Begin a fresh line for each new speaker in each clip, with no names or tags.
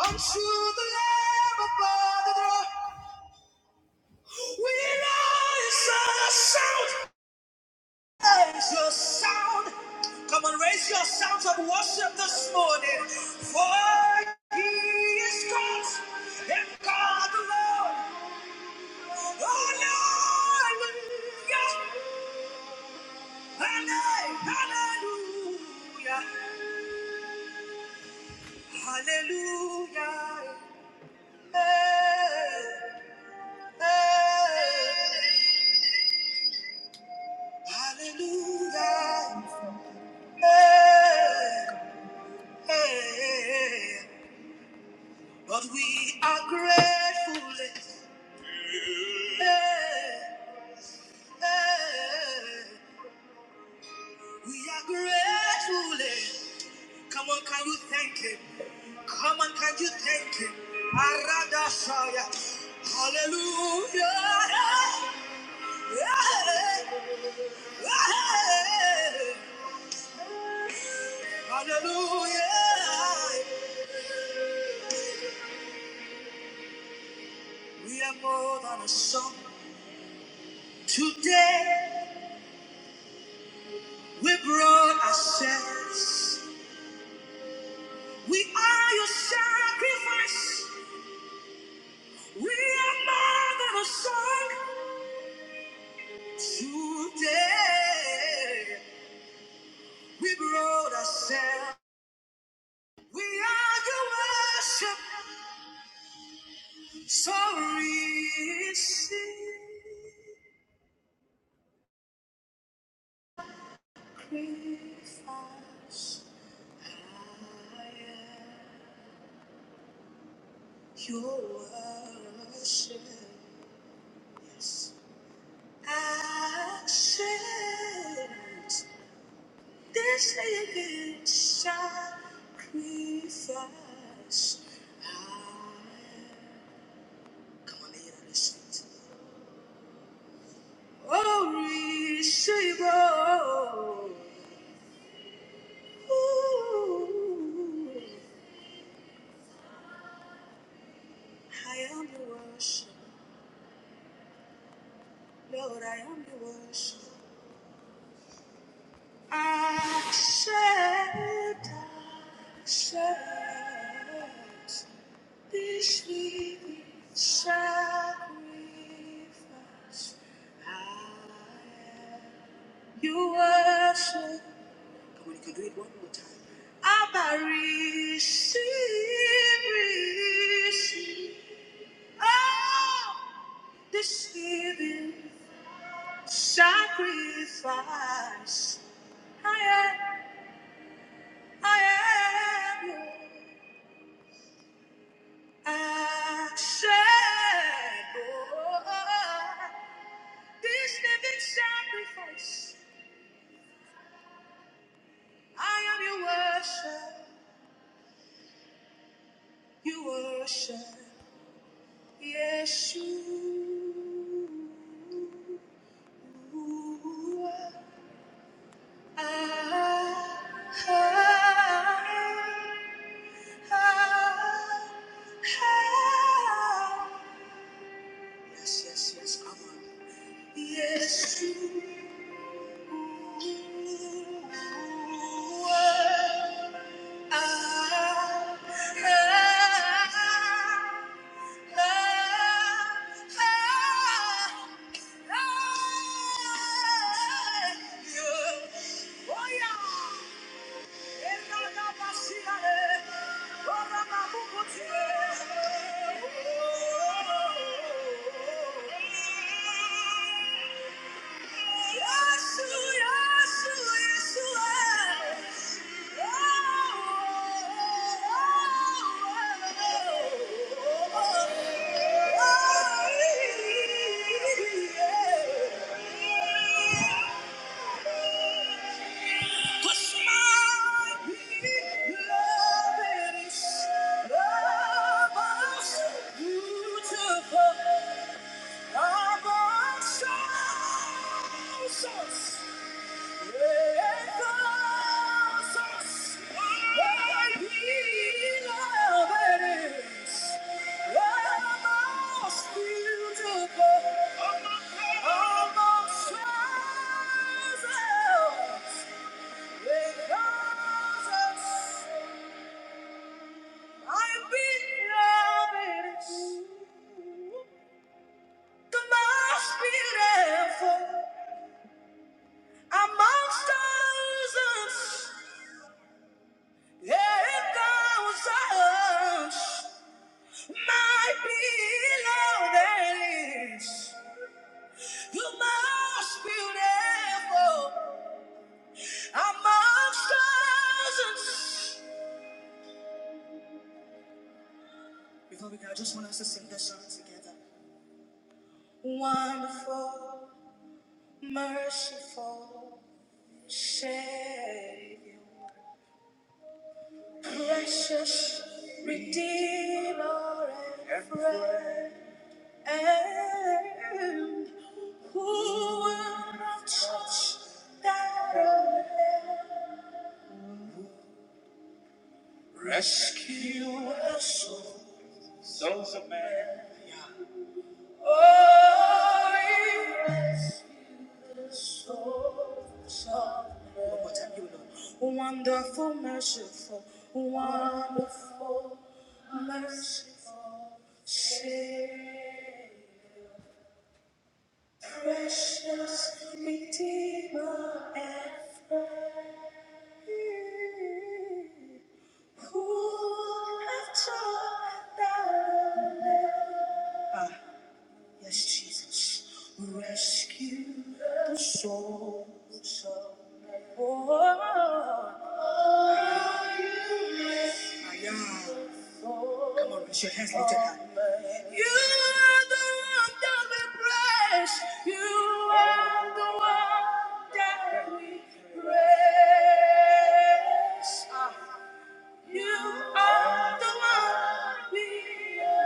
Unto the Lamb above the throne, we rise and shout. Raise your sound. Come on, raise your sounds of worship this morning. For he is God and God alone. Hallelujah. Hallelujah. Hallelujah. Hey, hey. Hallelujah. Hey, hey. But we are grateful. eh, eh. eh. We are grateful. eh. Come on, can you thank Him? Come on, can you thank Him? Aradashaya. Hallelujah. Eh, eh. eh. Hallelujah. We are more than a song. Today we brought ourselves. We are your sacrifice. We are more than a song. Today, we brought ourselves. We are your worship. So receive sacrifice. I am your worship. Yes. Accept. This living sacrifice. I- Come on, lay it on the street. Oh, receive, oh, ooh. I am the worship, Lord, I am the worship. Accept, accept. This living sacrifice, I am your worship. Come on, you can do it one more time. I'm a receive, receive. Oh, this living sacrifice, I am, I am your acceptable. This living sacrifice, I am your worship, you worship, yes, you. Yes, yes, yes, come on. Yes, you. Oh yeah! Yeah. Push my love is love us beautiful above thousands and thousands. beloved is the most beautiful among thousands. Before we go, I just want us to sing this song together. Wonderful. Merciful Savior, precious Redeemer and friend, and who will not touch that earth? Rescue us, sons of man. Oh, you Wonderful, merciful, wonderful, merciful Savior, precious Redeemer and friend, who have taught thy love. Yes, Jesus, rescue the souls of men. Oh, yeah. Come on, raise your hands, lift your hand. You are the one that we praise. You are the one that we praise. You are the one we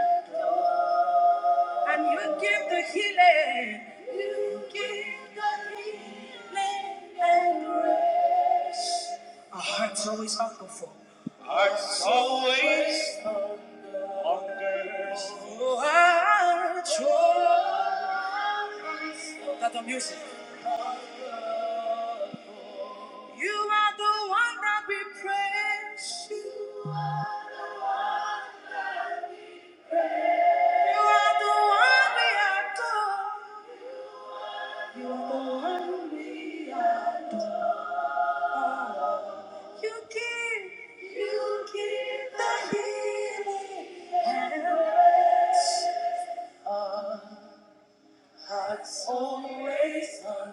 And you give the healing. You give the healing and grace. Our hearts always hunger for. Hearts always hunger. Oh, hearts always- that the music. You are the one that we praise. You are the one we adore. You are the one we adore. You give, you give the healing and the heart's always on.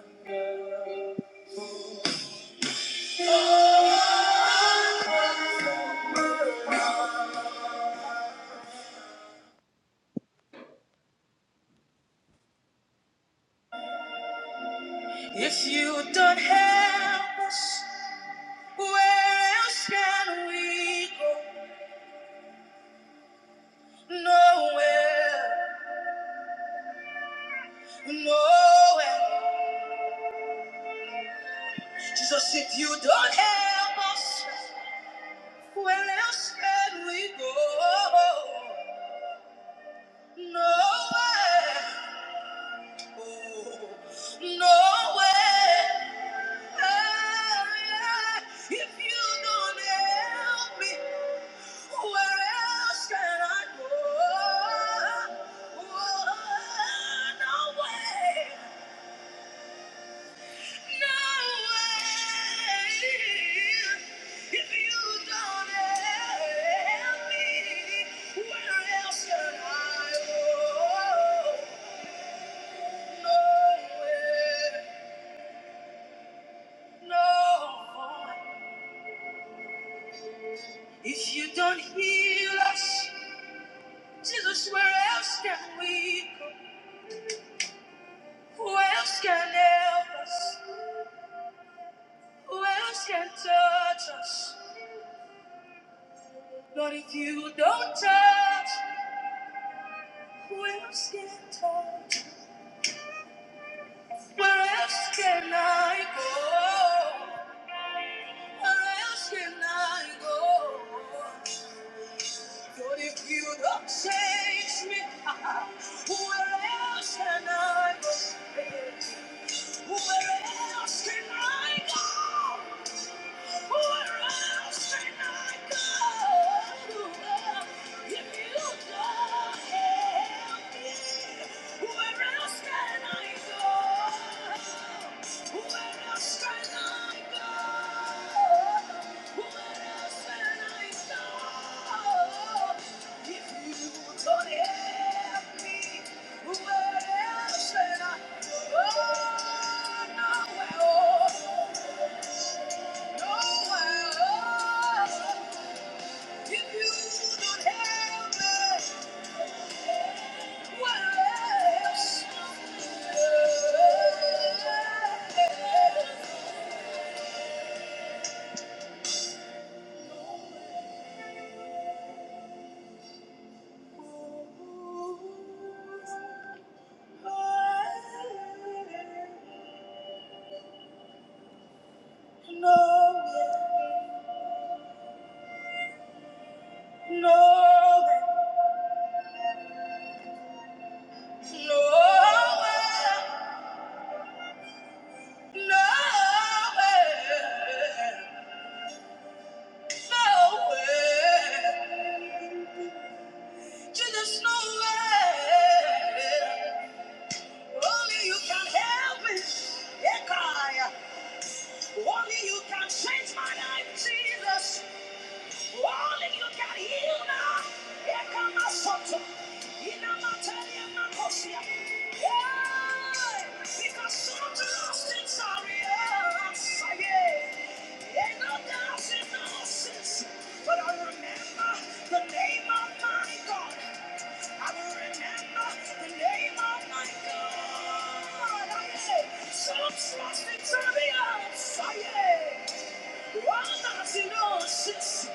If you don't help us, where else can we go? Nowhere, nowhere. Jesus, if you don't help us, where else can we go? Nowhere. No way. Hey, If you don't help me, where else can I go? Oh, no way, no way. If you don't help me, where else can I go? No way. No, if you don't heal us, Jesus, where else can we go? Who else can help us? Who else can touch us? Lord, if you don't touch, who else can touch? Where else can I go? Where else can I go? Lord, if you don't change me, where else can I go? Where else can I go? Where else can I go? Nowhere. Nowhere, nowhere, nowhere. Jesus nowhere. Only you can help me. Ekaya. Only you can change my life, Jesus. All of you got healed now. Here come my soto. In a matari and my kosia. Yeah, because some of the lost things are real. Yeah, and no doubts and no sins. But I remember the name of my God. I will remember the name of my God. I say, some lost things are real. Yeah. While not in oceans,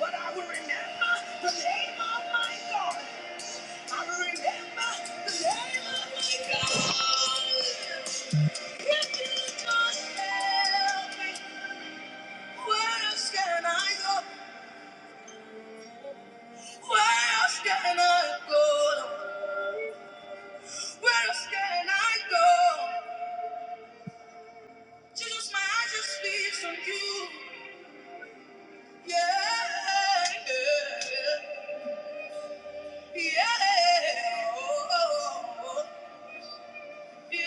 but I will remember the name of my God. I will remember the name of my God. If you must help me, where else can I go? Where else can I go? Where else can I go? Jesus, my eyes just feast on you. Yeah, yeah, yeah. Oh, oh, oh. Yeah.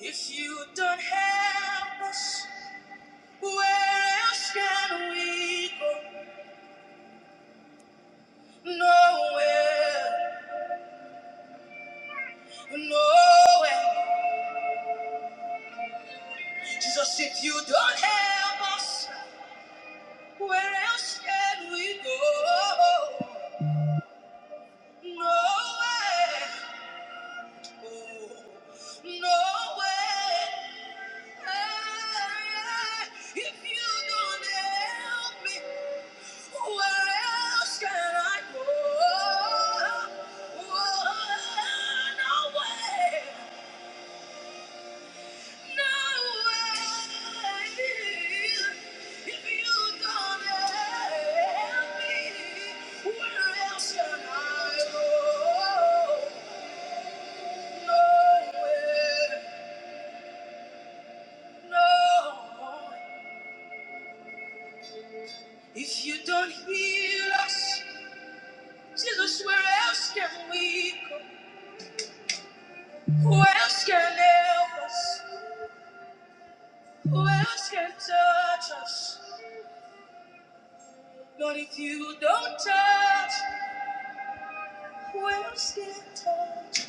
If you don't help us, where else can we go? Nowhere, nowhere. Jesus, if you don't help us, where else can we go? Nowhere, No way. Hey, If you don't help me, where else can I go? No way, no way. If you don't help me, where else can I go? No way. No, if you don't heal us, Jesus, where else can we go? Who else can help us? Who else can touch us? Lord, if you don't touch, who else can touch?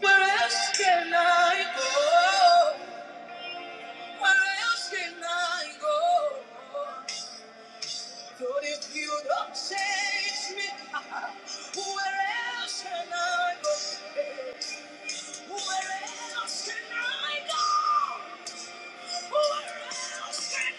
Where else can I go? Where else can I go? But if you don't change me, where else can I go? Where else can I go? Where else can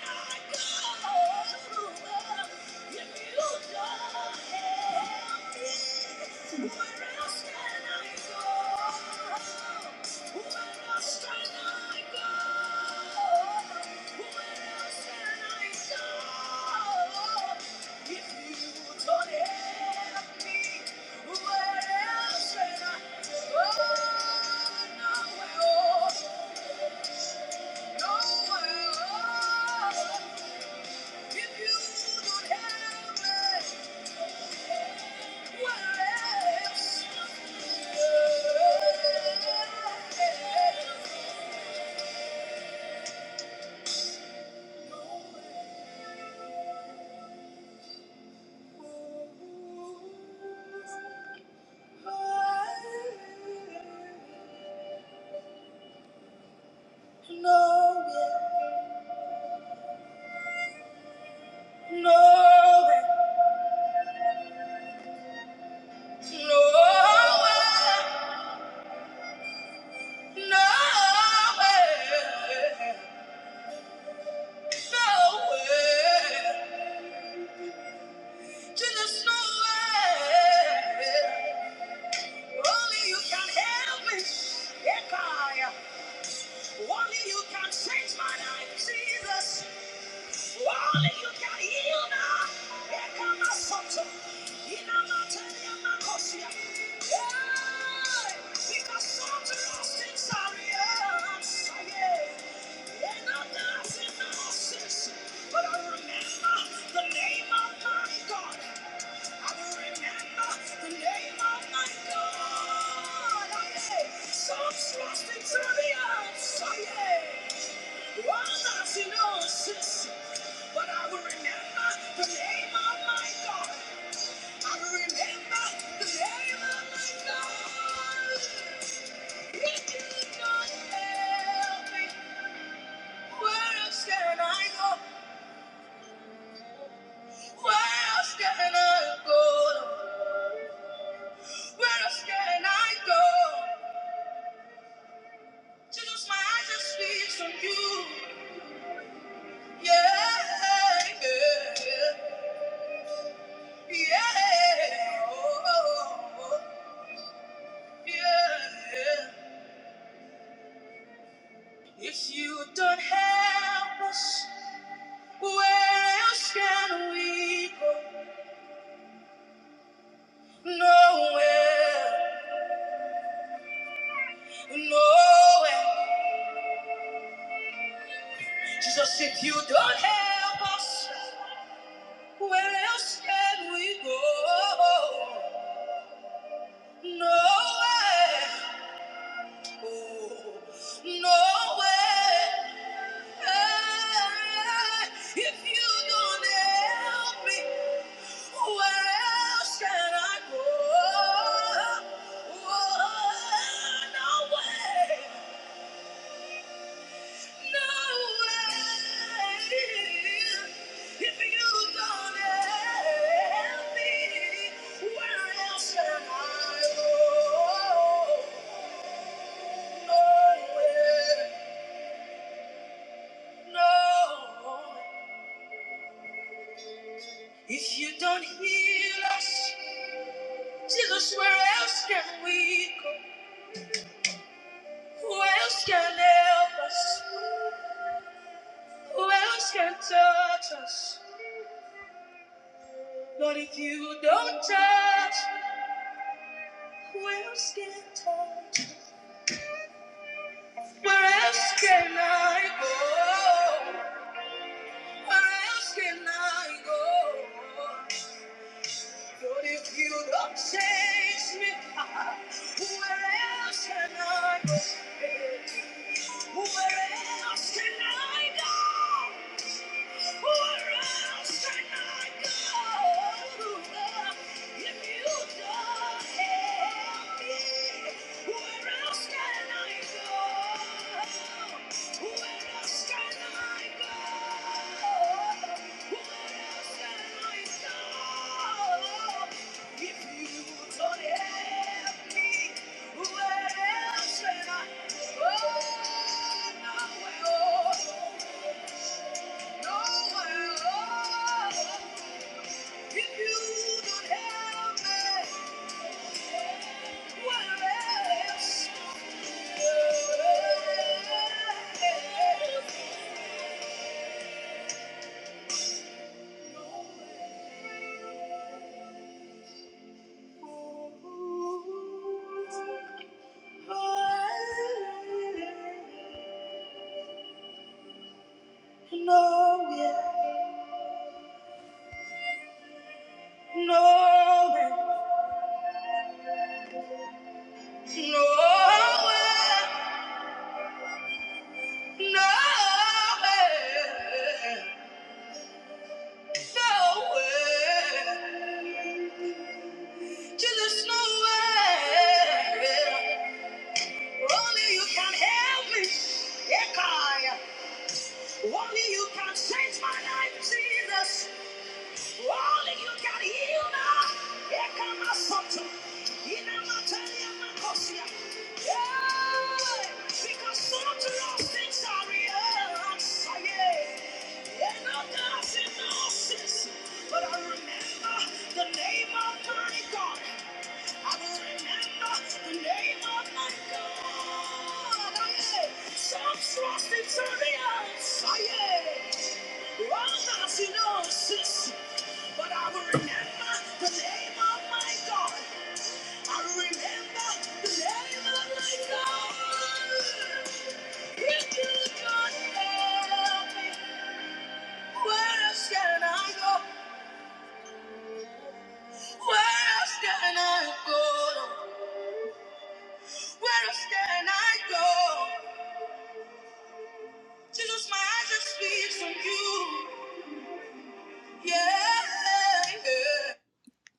I go? No way. No way. No way. Nowhere, just nowhere. Only you can help me. Yeah, God. Only you can change my life, Jesus. But I remember the name of my God. I remember the name of my God. Aye. So trust in the earth. oh yeah. Well, she knows I don't else can I go? Where Where else can I go? Jesus, my eyes are fixed on you. Yeah, yeah, yeah, yeah. Oh, oh. oh. Yeah. If you don't help us, where else can we go? Nowhere, nowhere. Jesus, if you don't help us, where else can we go? Nowhere. No way. Hey, If you don't help me, where else can I go? Oh, no way, no way. If you don't help me, where else can I go? No way. No, if you don't heal us, Jesus, where else can we go? Who else can help us? Who else can touch us? Lord, if you don't touch, who else can touch? Where else can I go? Where else can I go? Lord, if you don't change me, where else can I go? Where else can I go? Where else can I? Oh, nowhere. Nowhere, nowhere, nowhere. To this nowhere. Only you can help me. Yeah, Only you can change my life, Jesus. All of you got healed now. Here come my son. In a material, my cosia. Yeah, because some of those things are real. I'm sorry. And I'm not in nonsense. But I remember the name of my God. I will remember the name of my God. I am some trust in chariots. I am but I will remember the name of my God. I will remember the name of my God. If you don't help me, where else can I go? Where else can I go? Where else can I go? Jesus, my eyes just fixed on you. Yeah.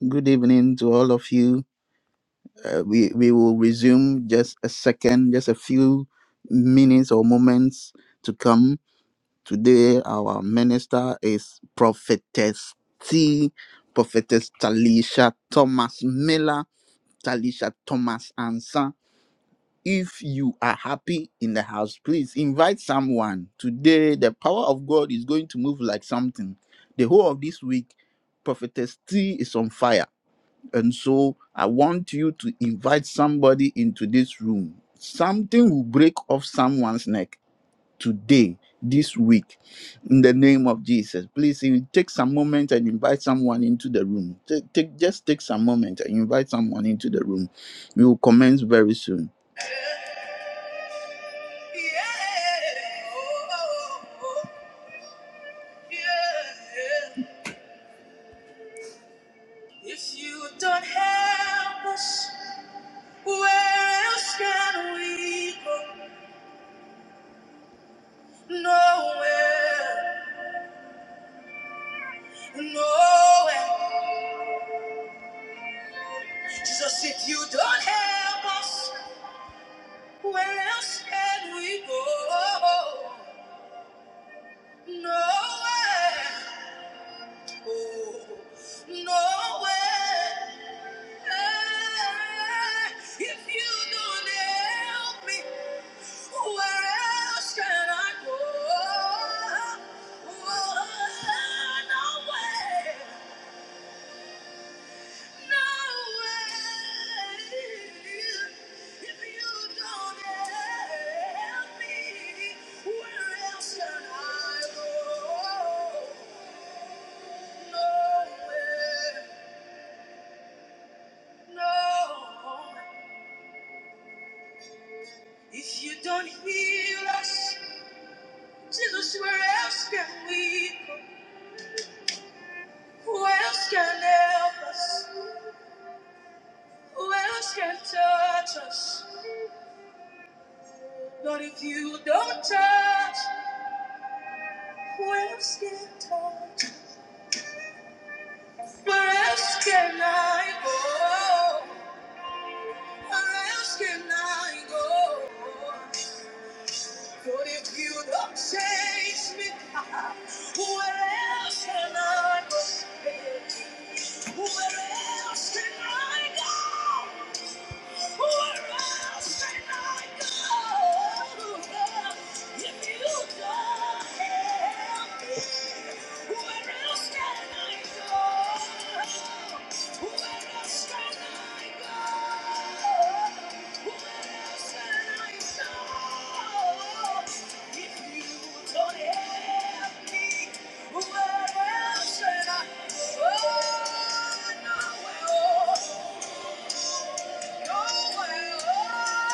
Good evening to all of you. Uh, we we will resume just a second, just a few minutes or moments to come. Today, our minister is Prophetess T, Prophetess Talisha Thomas Miller, Talisha Thomas Ansa. If you are happy in the house, please invite someone. Today, the power of God is going to move like something. The whole of this week, Prophetess T is on fire and so I want you to invite somebody into this room. Something will break off someone's neck today, this week, in the name of Jesus. Please if you take some moment and invite someone into the room. Take, take, just take some moment and invite someone into the room. We will commence very soon. If you don't help us, where else can we go? Nowhere, nowhere. Jesus, if you don't help us, where else can we go? Nowhere, oh, nowhere. Hey, If you don't help me, where else can I go? Oh, nowhere. If you don't heal us, Jesus, where else can we go? Who else can help us? Who else can touch us? But if you don't touch, Where else can I go? Where else can I go? Where else can I go? But if you don't chase me, where else can I go? Where else can I go? Where else can I go? No, way! no,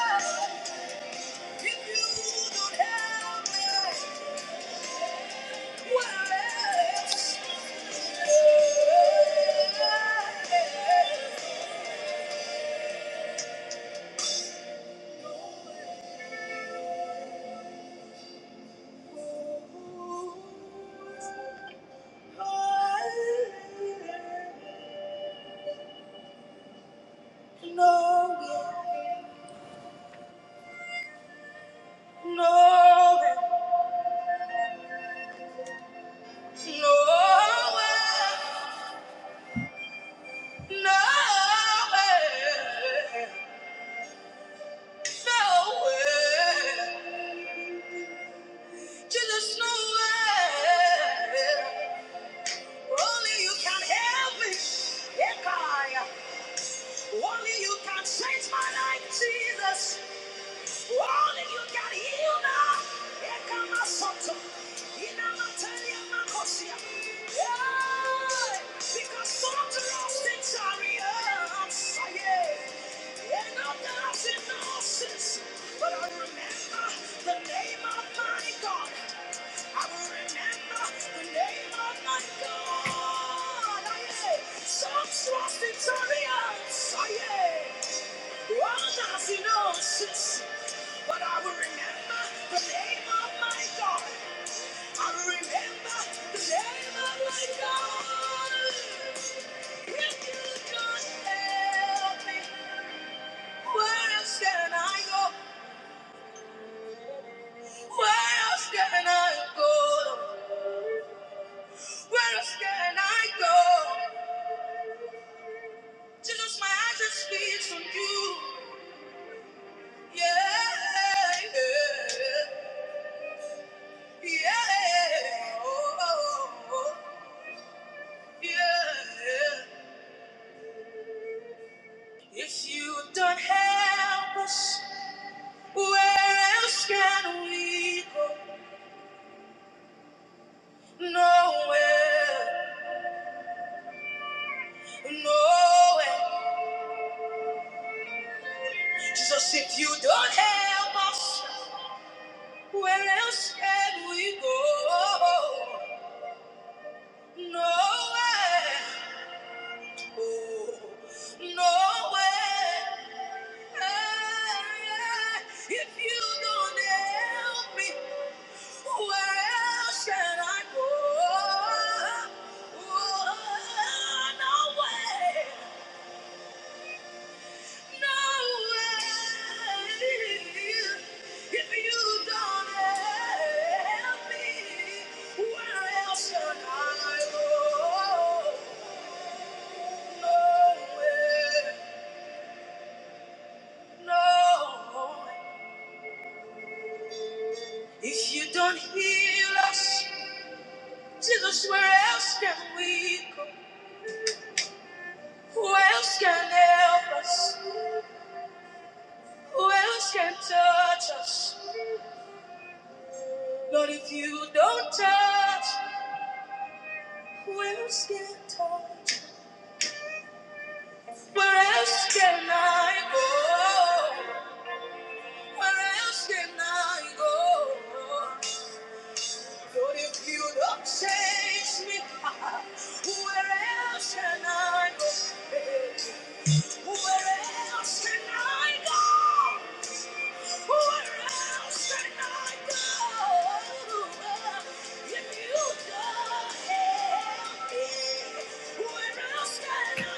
way! no, way! no. way! Nowhere, just nowhere. Only you can help me. Yeah, God. Only you can change my life, Jesus. All of you got healed now. Here come my soto. In a materia macosia. Yeah. Because some of the lost things are real. Yeah. And I'm dancing horses. But I remember the name of my God. I but I will remember the name of my God. I will remember the name of my God. If you don't help me, where else can I go? Where else can I go? Where else can I go? Jesus, my eyes just feeds on you. Yeah, yeah, yeah, oh, oh, oh, yeah. If you don't help us, where else can we go? Nowhere, nowhere. Jesus, if you don't help us, where else can we go? Nowhere. No way. Hey, yeah. If you don't help me, where else can I go? Oh, no way. No way. If you don't help me, where else can I go? No way. No, if you don't heal us, Jesus, where else can we go? Who else can help us? Who else can touch us? Lord, if you don't touch, who else can touch? Where else can I go? Where else can I go? Lord, if you don't change me, where else can I go? Where else can I go? Where else can I go? If you don't help me, where else can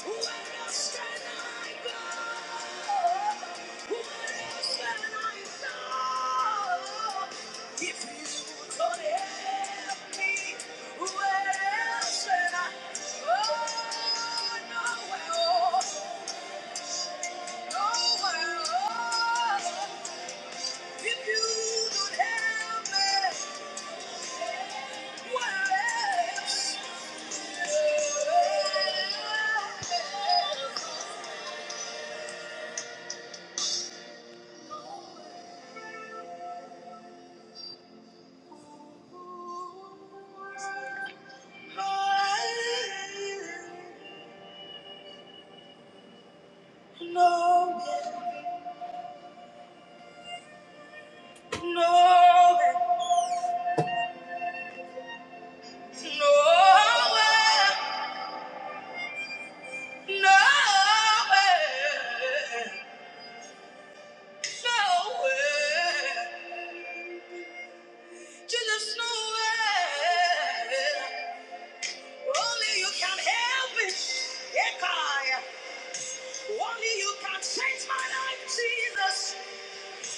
I go? Where else? Just nowhere. Only you can help me. Yeah, God. Only you can change my life, Jesus.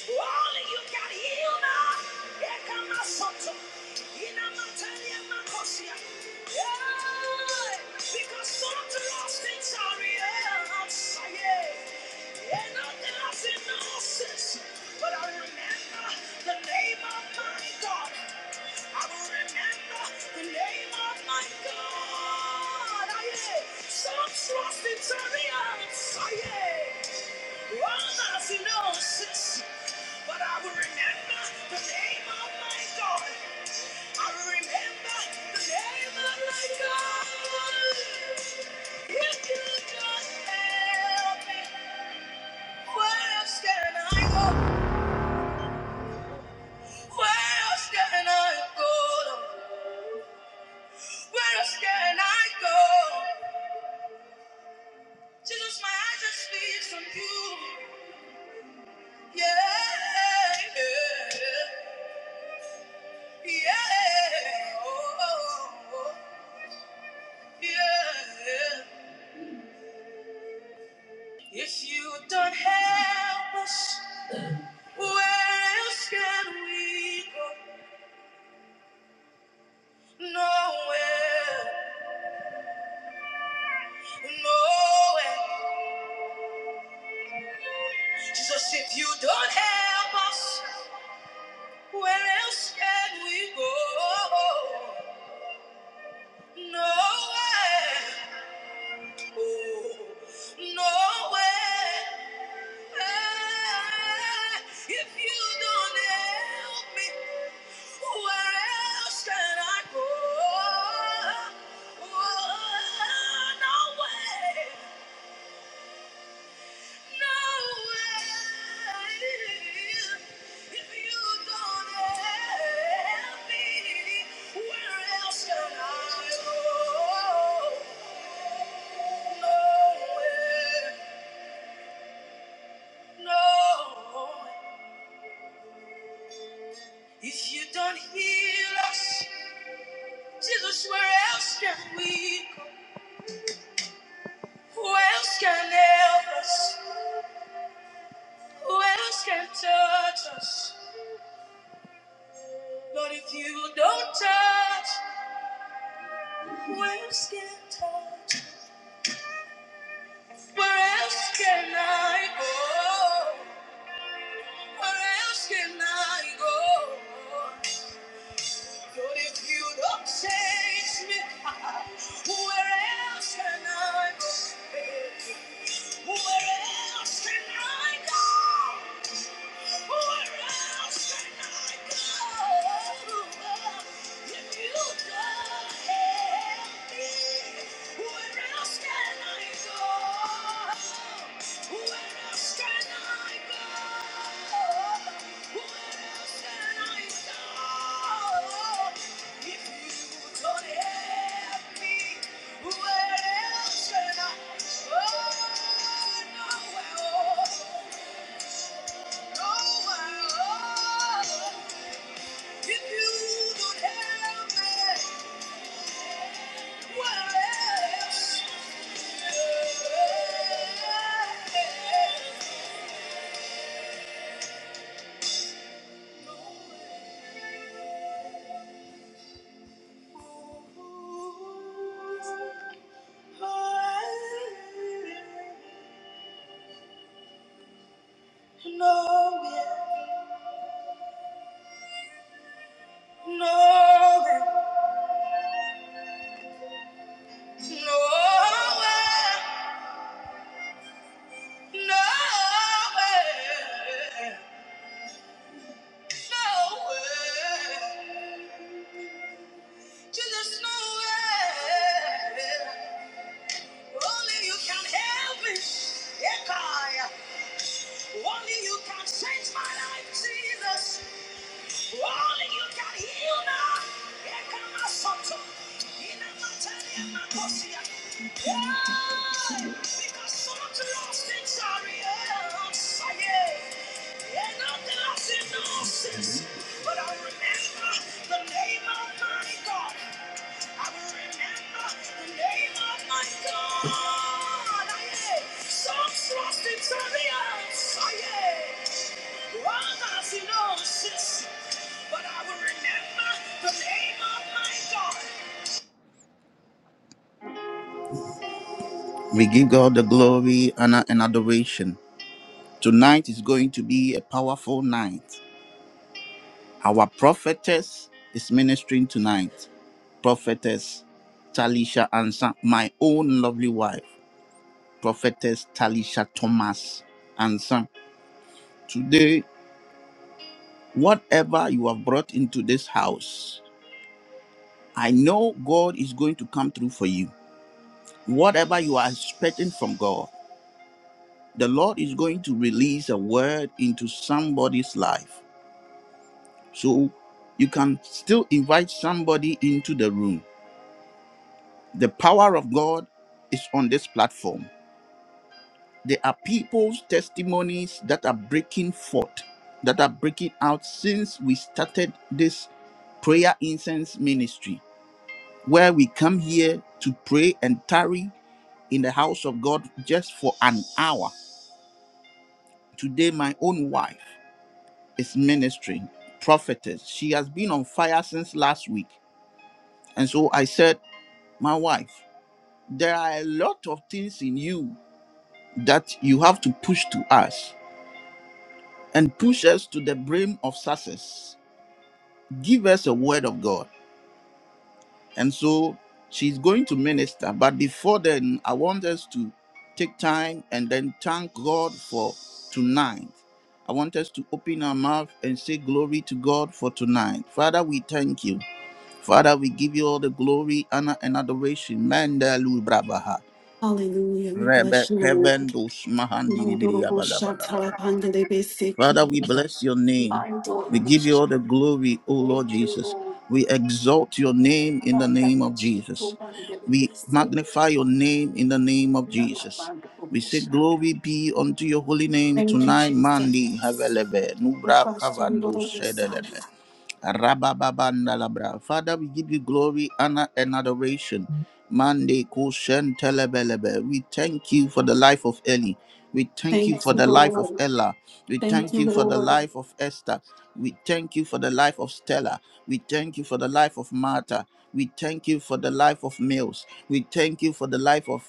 Only you can heal now. Here come my soto. In a material macosia. Yeah, because some of the lost things are real I'm saying, And nothing else in the nonsense. But I remember the name of my God. I will the name of my God. I am Some trust in chariots. Aye. Others in horses. But I will remember the name of my God. I will remember the name of my God. If you just help me, where else can I go? Where else can I go? Where else can I go? Jesus, my eyes just fixed on you. Yeah, yeah, yeah. Oh, oh, yeah. If you don't help us, where else can we go? Nowhere, nowhere. Jesus, if you don't help us, where else can we go? Nowhere. No way. Ah, If you don't help me, where else can I go? Oh, no way. No way. If you don't help me, where else can I go? No way. No, if you don't heal us, Jesus, where else can we go? Who else can help us? Who else can touch us? Lord, if you don't touch, who else can touch? us? Where else can I go? Where else can I go? But if you don't change me, where else can I go? Where else can I go? Where else can I go? If you don't help me, where if you don't have me, where else? Just nowhere. Only you can help me. Ekaya. Only you can change my life, Jesus. Only you can heal me. Ekama soto. Ina matani ama kosia. Yeah. Because some of the lost things are real. Oh, yeah. Yeah, not the lost in the losses. But I remember the name we give God the glory, honor, and adoration. Tonight is going to be a powerful night. Our prophetess is ministering tonight. prophetess Talisha Ansan, my own lovely wife, prophetess Talisha Thomas Ansan. Today, whatever you have brought into this house, I know God is going to come through for you. Whatever you are expecting from God, the Lord is going to release a word into somebody's life. So you can still invite somebody into the room. The power of God is on this platform. There are people's testimonies that are breaking forth, that are breaking out since we started this prayer incense ministry, where we come here to pray and tarry in the house of God just for an hour. Today, my own wife is ministering, prophetess. She has been on fire since last week. And so I said, My wife, there are a lot of things in you that you have to push to us and push us to the brim of success. give us a word of God. And so she's going to minister. But before then, I want us to take time and then thank God for tonight. I want us to open our mouth and say glory to God for tonight. Father, we thank you. Father, we give you all the glory, honor, and adoration. Manda lu brabaha.
Hallelujah. We bless
Rebe
you, Lord.
kevendus mahandiri
Mandorobo shatalapandele
Father,
beseki.
we bless your name. We
Mandorobo
give you
sha-
all the glory, O Lord
Thank you,
Jesus.
Lord.
We exalt your name in the name of Jesus.
Arandakachikobandele
We
bese.
magnify your name in the name of Jesus. We
Nalapandorobo
say,
sha.
Glory be unto your holy name
Thank you,
tonight, Mandi
Jesus.
Havelebe, Nubra Kavando
Ofasundorobo sa.
Shedelebe. Rabababandalabra. Father, we give you glory, honor, and adoration. Mande kushen telebelebe. We thank you for the life of Eli. We thank you
Thank
for
you,
the life of
Lord.
Ella. We
Thank
thank
you,
you for the
Lord.
life of Esther. We thank you for the life of Stella. We thank you for the life of Martha. We thank you for the life of Mills. We thank you for the life of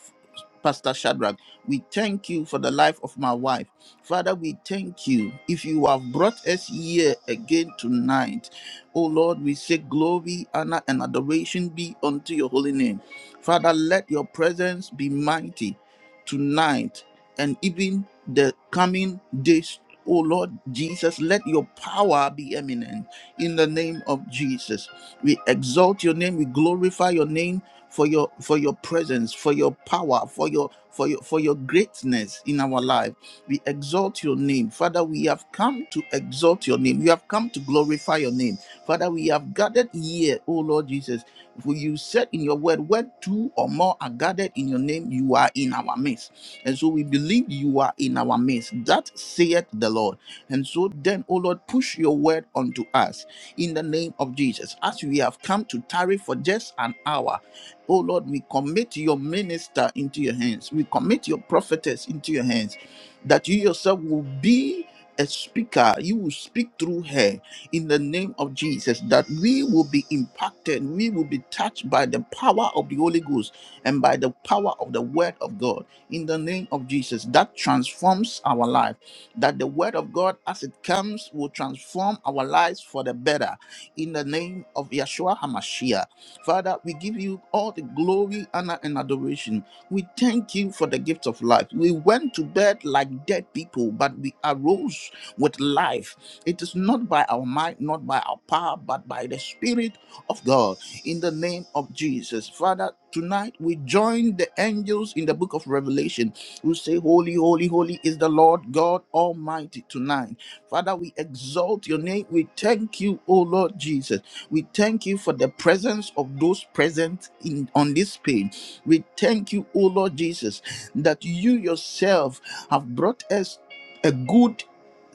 Pastor Shadrach. We thank you for the life of my wife. Father, we thank you. If you have brought us here again tonight, O Lord, we say glory, honor, and adoration be unto your holy name. Father, let your presence be mighty tonight and even the coming days. O Lord Jesus, let your power be eminent in the name of Jesus. We exalt your name, we glorify your name for your for your presence, for your power, for your for your for your greatness in our life. We exalt your name. Father, we have come to exalt your name. We have come to glorify your name. Father, we have gathered here, O Lord Jesus. For you said in your word, where two or more are gathered in your name, you are in our midst. And so we believe you are in our midst. That saith the Lord. And so then, O Lord, push your word unto us in the name of Jesus. As we have come to tarry for just an hour, O Lord, we commit your minister into your hands. We commit your prophetess into your hands that you yourself will be a speaker. You will speak through her in the name of Jesus that we will be impacted, we will be touched by the power of the Holy Ghost and by the power of the Word of God in the name of Jesus that transforms our life. That the Word of God, as it comes, will transform our lives for the better in the name of Yeshua HaMashiach. Father, we give you all the glory, honor, and adoration. We thank you for the gift of life. We went to bed like dead people, but we arose with life it is not by our might, not by our power, but by the Spirit of God. In the name of Jesus. Father, tonight we join the angels in the book of Revelation who say, Holy, holy, holy is the Lord God Almighty tonight. Father, we exalt your name. We thank you, O Lord Jesus. We thank you for the presence of those present in on this page. We thank you, O Lord Jesus, that you yourself have brought us a good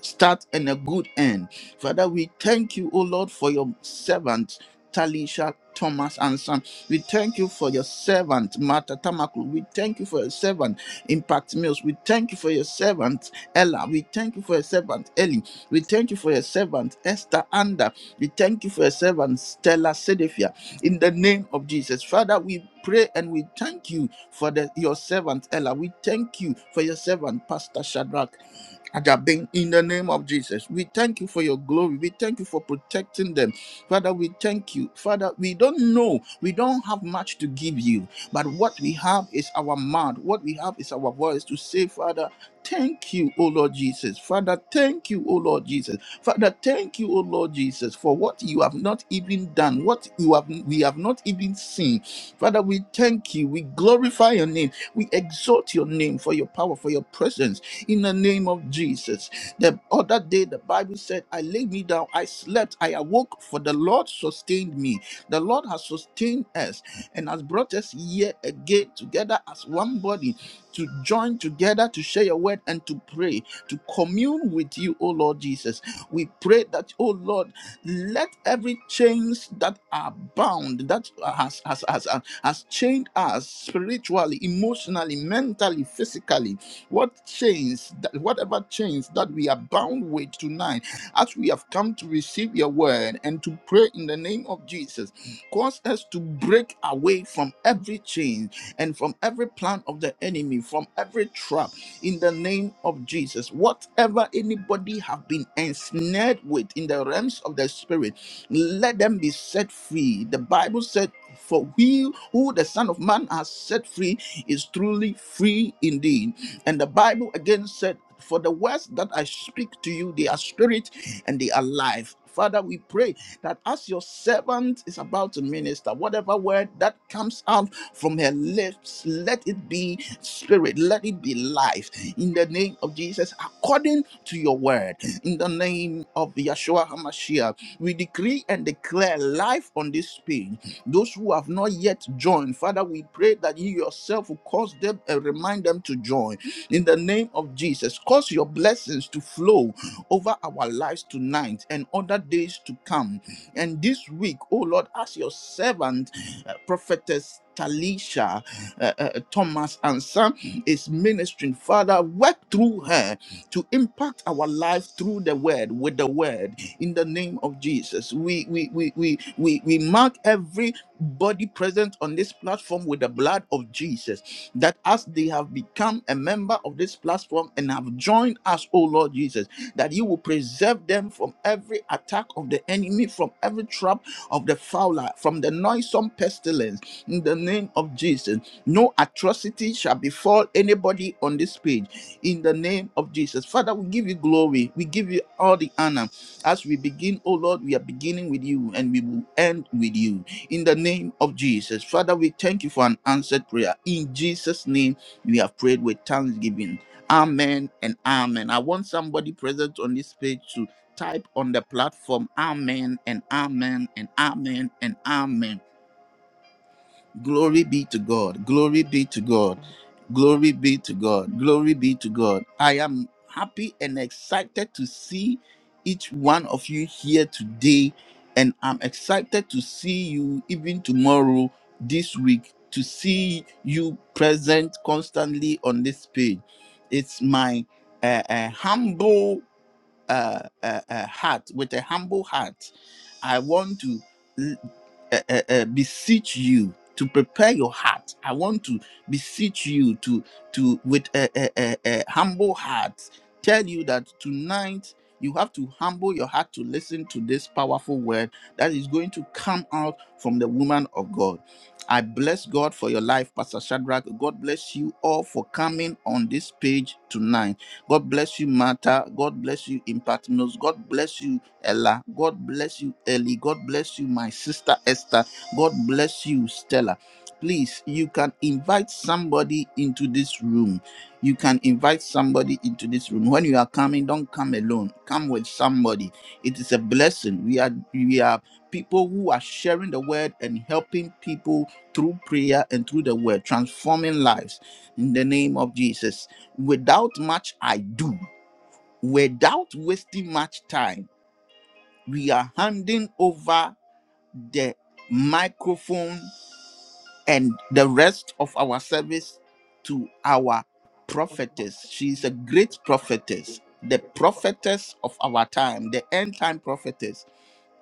start and a good end. Father, we thank you, O Lord, for your servant. Talisha Thomas and son. We thank you for your servant, Martha Tamaku. We thank you for your servant, Impact Mills. We thank you for your servant, Ella. We thank you for your servant, Ellie. We thank you for your servant, Esther Anda. We thank you for your servant, Stella Sedefia. In the name of Jesus, Father, we pray and we thank you for the, your servant, Ella. We thank you for your servant, Pastor Shadrach. Ajabin, in the name of Jesus, we thank you for your glory. We thank you for protecting them. Father, we thank you. Father, we don't know. We don't have much to give you, but what we have is our mouth. What we have is our voice to say, Father, thank you, O Lord Jesus. Father, thank you, O Lord Jesus. Father, thank you, O Lord Jesus, for what you have not even done, what you have we have not even seen. Father, we thank you. We glorify your name. We exalt your name for your power, for your presence in the name of Jesus. The other day, the Bible said, I lay me down, I slept, I awoke, for the Lord sustained me. The Lord has sustained us and has brought us here again together as one body to join together to share your word and to pray, to commune with you, O Lord Jesus. We pray that, O Lord, let every chains that are bound, that has, has, has, has chained us spiritually, emotionally, mentally, physically, what chains, that, whatever chains that we are bound with tonight, as we have come to receive your word and to pray in the name of Jesus, cause us to break away from every chain and from every plan of the enemy, from every trap in the name of Jesus. Whatever anybody have been ensnared with in the realms of the spirit, let them be set free. The Bible said, for we who the Son of Man has set free is truly free indeed. And the Bible again said, For the words that I speak to you, they are spirit and they are life. Father, we pray that as your servant is about to minister, whatever word that comes out from her lips. Let it be spirit, let it be life. In the name of Jesus, according to your word, in the name of Yeshua HaMashiach, we decree and declare life on this page. Those who have not yet joined, Father, we pray that you yourself will cause them and remind them to join. In the name of Jesus, cause your blessings to flow over our lives tonight and other days to come. And this week, oh Lord, as your servant, uh, prophetess Talisha uh, uh, Thomas and Son is ministering. Father, work through her to impact our life through the word, with the word, in the name of Jesus. We we we we we, we mark every body present on this platform with the blood of Jesus. That as they have become a member of this platform and have joined us, O Lord Jesus, that you will preserve them from every attack of the enemy, from every trap of the fowler, from the noisome pestilence in the name of Jesus. No atrocity shall befall anybody on this page in the name of Jesus. Father, we give you glory. We give you all the honor. As we begin, oh Lord, we are beginning with you and we will end with you in the name of Jesus. Father, we thank you for an answered prayer. In Jesus' name, we have prayed with thanksgiving. Amen and amen. I want somebody present on this page to type on the platform amen and amen and amen and amen Glory be to God. Glory be to God. Glory be to God. Glory be to God. I am happy and excited to see each one of you here today. And I'm excited to see you even tomorrow, this week, to see you present constantly on this page. It's my uh, uh, humble uh, uh, uh, heart, with a humble heart. I want to uh, uh, uh, beseech you to prepare your heart. I want to beseech you to to with a, a, a, a humble heart tell you that tonight you have to humble your heart to listen to this powerful word that is going to come out from the woman of God. I bless God for your life, Pastor Shadrach. God bless you all for coming on this page tonight. God bless you, Martha. God bless you, Impatinos. God bless you, Ella. God bless you, Ellie. God bless you, my sister Esther. God bless you, Stella. Please, you can invite somebody into this room. You can invite somebody into this room. When you are coming, don't come alone. Come with somebody. It is a blessing. We are we are people who are sharing the word and helping people through prayer and through the word, transforming lives in the name of Jesus. Without much I do, without wasting much time we are handing over the microphone and the rest of our service to our prophetess. She's a great prophetess, the prophetess of our time, the end time prophetess.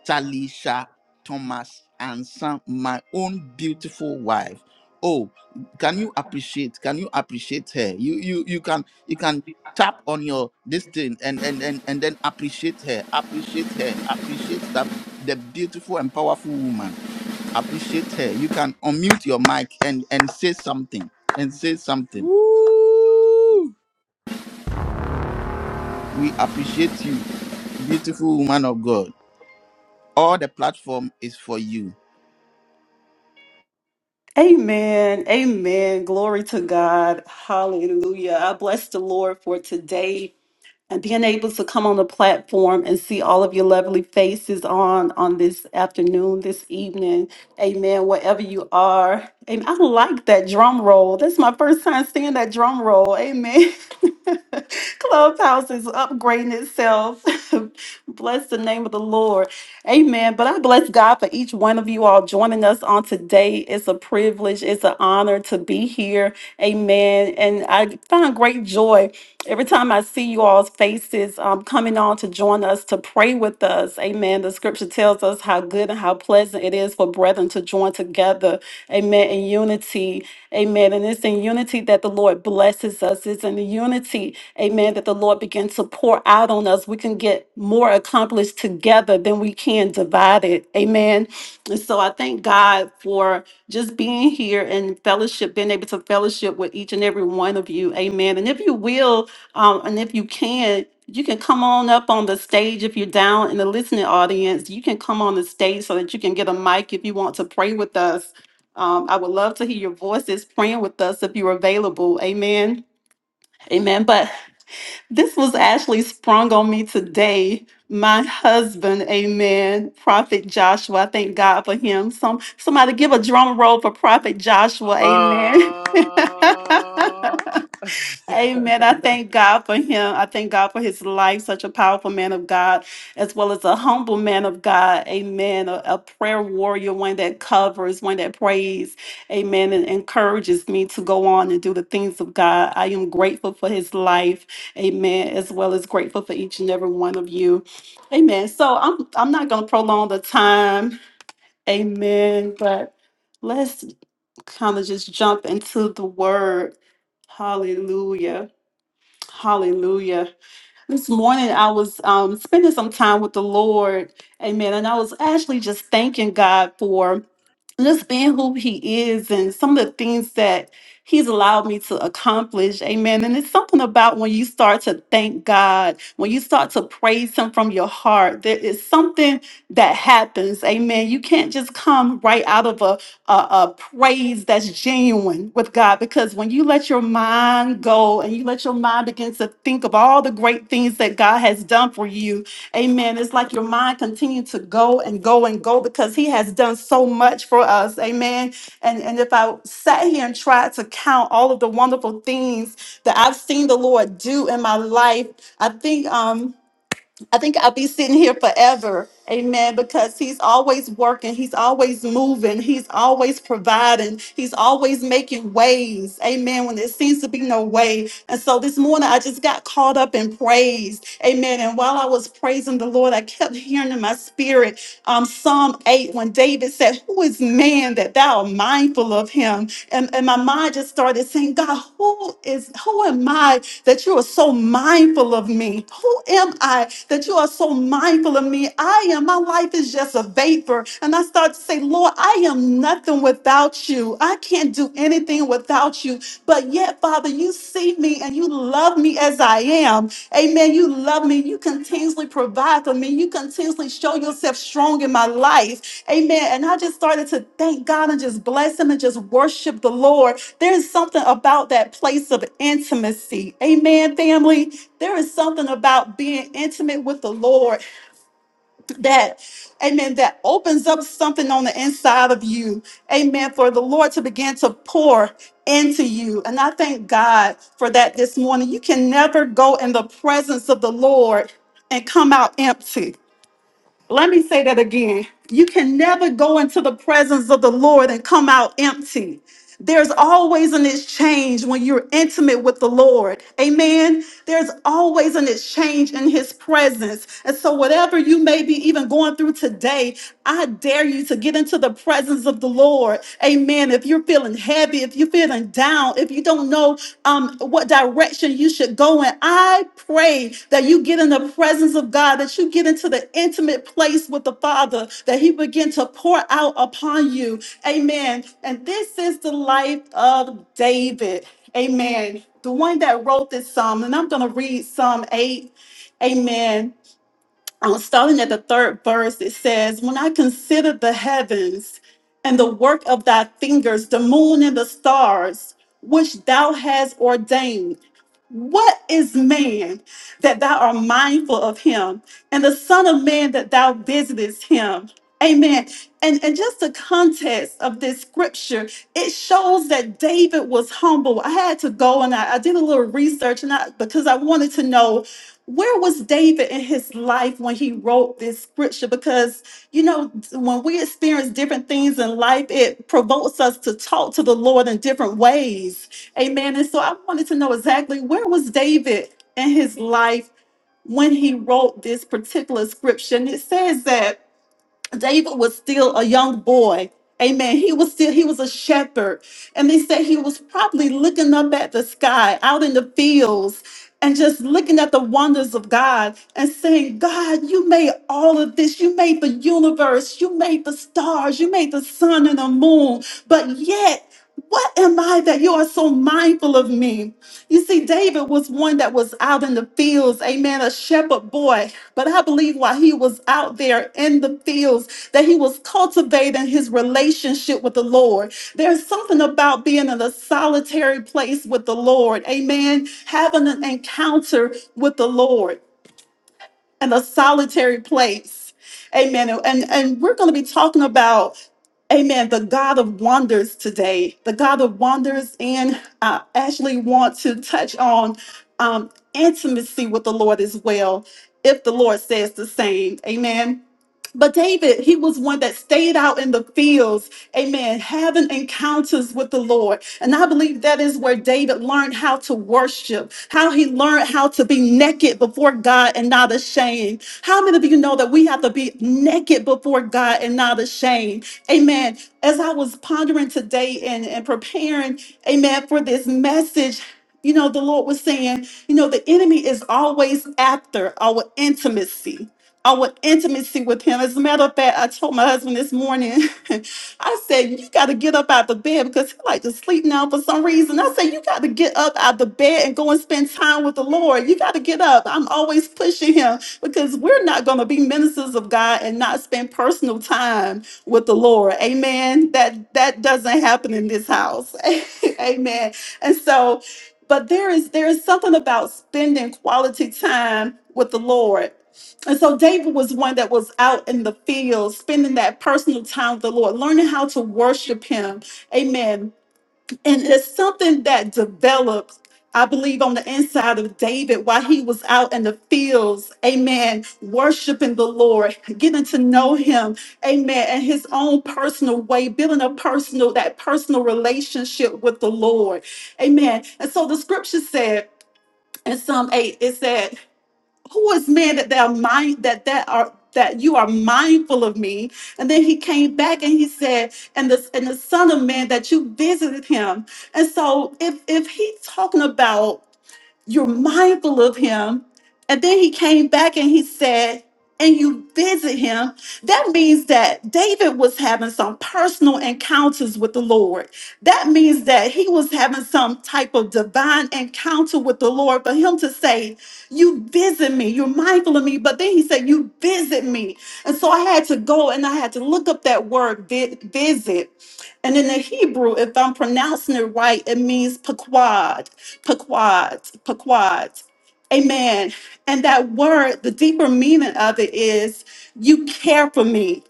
Talisha Thomas and Sam, my own beautiful wife. Oh, can you appreciate? Can you appreciate her? You you you can you can tap on your this thing and and and and then appreciate her. Appreciate her. Appreciate that the beautiful and powerful woman. Appreciate her. You can unmute your mic and and say something and say something.
Woo!
We appreciate you, beautiful woman of God. All the platform is for you.
Amen. Amen. Glory to God. Hallelujah. I bless the Lord for today. and being able to come on the platform and see all of your lovely faces on on this afternoon, this evening. Amen. Wherever you are. And I like that drum roll. That's my first time seeing that drum roll. Amen. Clubhouse is upgrading itself. bless the name of the Lord. Amen. But I bless God for each one of you all joining us on today. It's a privilege, it's an honor to be here. Amen. And I find great joy Every time I see you all's faces um, coming on to join us to pray with us, amen. The scripture tells us how good and how pleasant it is for brethren to join together, amen, in unity, amen. And it's in unity that the Lord blesses us, it's in the unity, amen, that the Lord begins to pour out on us. We can get more accomplished together than we can divided, amen. And so I thank God for just being here and fellowship, being able to fellowship with each and every one of you, amen. And if you will, um, and if you can, you can come on up on the stage if you're down in the listening audience. You can come on the stage so that you can get a mic if you want to pray with us. Um, I would love to hear your voices praying with us if you're available. Amen. Amen. But this was actually sprung on me today. My husband, amen, Prophet Joshua. I thank God for him. Some somebody give a drum roll for Prophet Joshua. Amen.
Ah.
Amen. I thank God for him. I thank God for his life, such a powerful man of God, as well as a humble man of God. Amen. A, a prayer warrior, one that covers, one that prays. Amen. And encourages me to go on and do the things of God. I am grateful for his life. Amen. As well as grateful for each and every one of you. Amen. So I'm I'm not gonna prolong the time. Amen. But let's kind of just jump into the word. Hallelujah. Hallelujah. This morning I was um, spending some time with the Lord. Amen. And I was actually just thanking God for just being who he is and some of the things that he's allowed me to accomplish. Amen. And it's something about when you start to thank God, when you start to praise him from your heart, there is something that happens. Amen. You can't just come right out of a, a, a praise that's genuine with God because when you let your mind go and you let your mind begin to think of all the great things that God has done for you, Amen. It's like your mind continued to go and go and go because he has done so much for us. Amen. And and if I sat here and tried to count all of the wonderful things that I've seen the Lord do in my life, I think um I think I'll be sitting here forever. Amen. Because he's always working. He's always moving. He's always providing. He's always making ways. Amen. When there seems to be no way. And so this morning, I just got caught up in praise. Amen. And while I was praising the Lord, I kept hearing in my spirit um, Psalm 8 when David said, Who is man that thou art mindful of him? And, and my mind just started saying, God, who is, who am I that you are so mindful of me. Who am I that you are so mindful of me? I am, my life is just a vapor. And I start to say, Lord, I am nothing without you. I can't do anything without you. But yet, Father, you see me and you love me as I am. Amen. You love me. You continuously provide for me. You continuously show yourself strong in my life. Amen. And I just started to thank God and just bless Him and just worship the Lord. There is something about that place of intimacy. Amen, family. There is something about being intimate with the Lord that amen that opens up something on the inside of you amen for the lord to begin to pour into you and i thank god for that this morning you can never go in the presence of the lord and come out empty let me say that again. You can never go into the presence of the Lord and come out empty. There's always an exchange when you're intimate with the Lord. Amen. There's always an exchange in His presence. And so, whatever you may be even going through today, I dare you to get into the presence of the Lord. Lord. Amen. If you're feeling heavy, if you're feeling down, if you don't know um, what direction you should go in, I pray that you get in the presence of God, that you get into the intimate place with the Father, that He begin to pour out upon you. Amen. And this is the life of David. Amen. The one that wrote this psalm, and I'm going to read Psalm 8. Amen uh, starting at the third verse, it says, When I consider the heavens and the work of thy fingers, the moon and the stars, which thou hast ordained, what is man that thou art mindful of him, and the Son of Man that thou visitest him? Amen. And, and just the context of this scripture, it shows that David was humble. I had to go and I, I did a little research and I, because I wanted to know where was David in his life when he wrote this scripture? Because, you know, when we experience different things in life, it provokes us to talk to the Lord in different ways. Amen. And so I wanted to know exactly where was David in his life when he wrote this particular scripture? And it says that David was still a young boy. Amen. He was still, he was a shepherd. And they said he was probably looking up at the sky out in the fields and just looking at the wonders of God and saying, God, you made all of this. You made the universe. You made the stars. You made the sun and the moon. But yet, what am I that you are so mindful of me? You see, David was one that was out in the fields, amen, a shepherd boy. But I believe while he was out there in the fields, that he was cultivating his relationship with the Lord. There's something about being in a solitary place with the Lord. Amen. Having an encounter with the Lord and a solitary place. Amen. And, and we're going to be talking about, amen, the God of wonders today. The God of wonders. And I actually want to touch on um, intimacy with the Lord as well, if the Lord says the same. Amen. But David, he was one that stayed out in the fields, amen, having encounters with the Lord. And I believe that is where David learned how to worship, how he learned how to be naked before God and not ashamed. How many of you know that we have to be naked before God and not ashamed? Amen. As I was pondering today and, and preparing, amen, for this message, you know, the Lord was saying, you know, the enemy is always after our intimacy our intimacy with him. As a matter of fact, I told my husband this morning, I said, you got to get up out the bed because he like to sleep now for some reason. I said, you got to get up out the bed and go and spend time with the Lord. You got to get up. I'm always pushing him because we're not going to be ministers of God and not spend personal time with the Lord. Amen. That that doesn't happen in this house. Amen. And so, but there is there is something about spending quality time with the Lord and so David was one that was out in the field, spending that personal time with the Lord, learning how to worship Him. Amen. And it's something that develops, I believe, on the inside of David while he was out in the fields. Amen. Worshiping the Lord, getting to know Him. Amen. And his own personal way, building a personal, that personal relationship with the Lord. Amen. And so the scripture said, in Psalm 8, it said who is man that thou mind that that are that you are mindful of me and then he came back and he said and the and the son of man that you visited him and so if if he's talking about you're mindful of him. And then he came back and he said, and you visit him. That means that David was having some personal encounters with the Lord. That means that he was having some type of divine encounter with the Lord. For him to say, You visit me, you're mindful of me. But then he said, You visit me. And so I had to go and I had to look up that word vi- visit. And in the Hebrew, if I'm pronouncing it right, it means paquad. Paquads, Paquads. Amen. And that word, the deeper meaning of it is you care for me,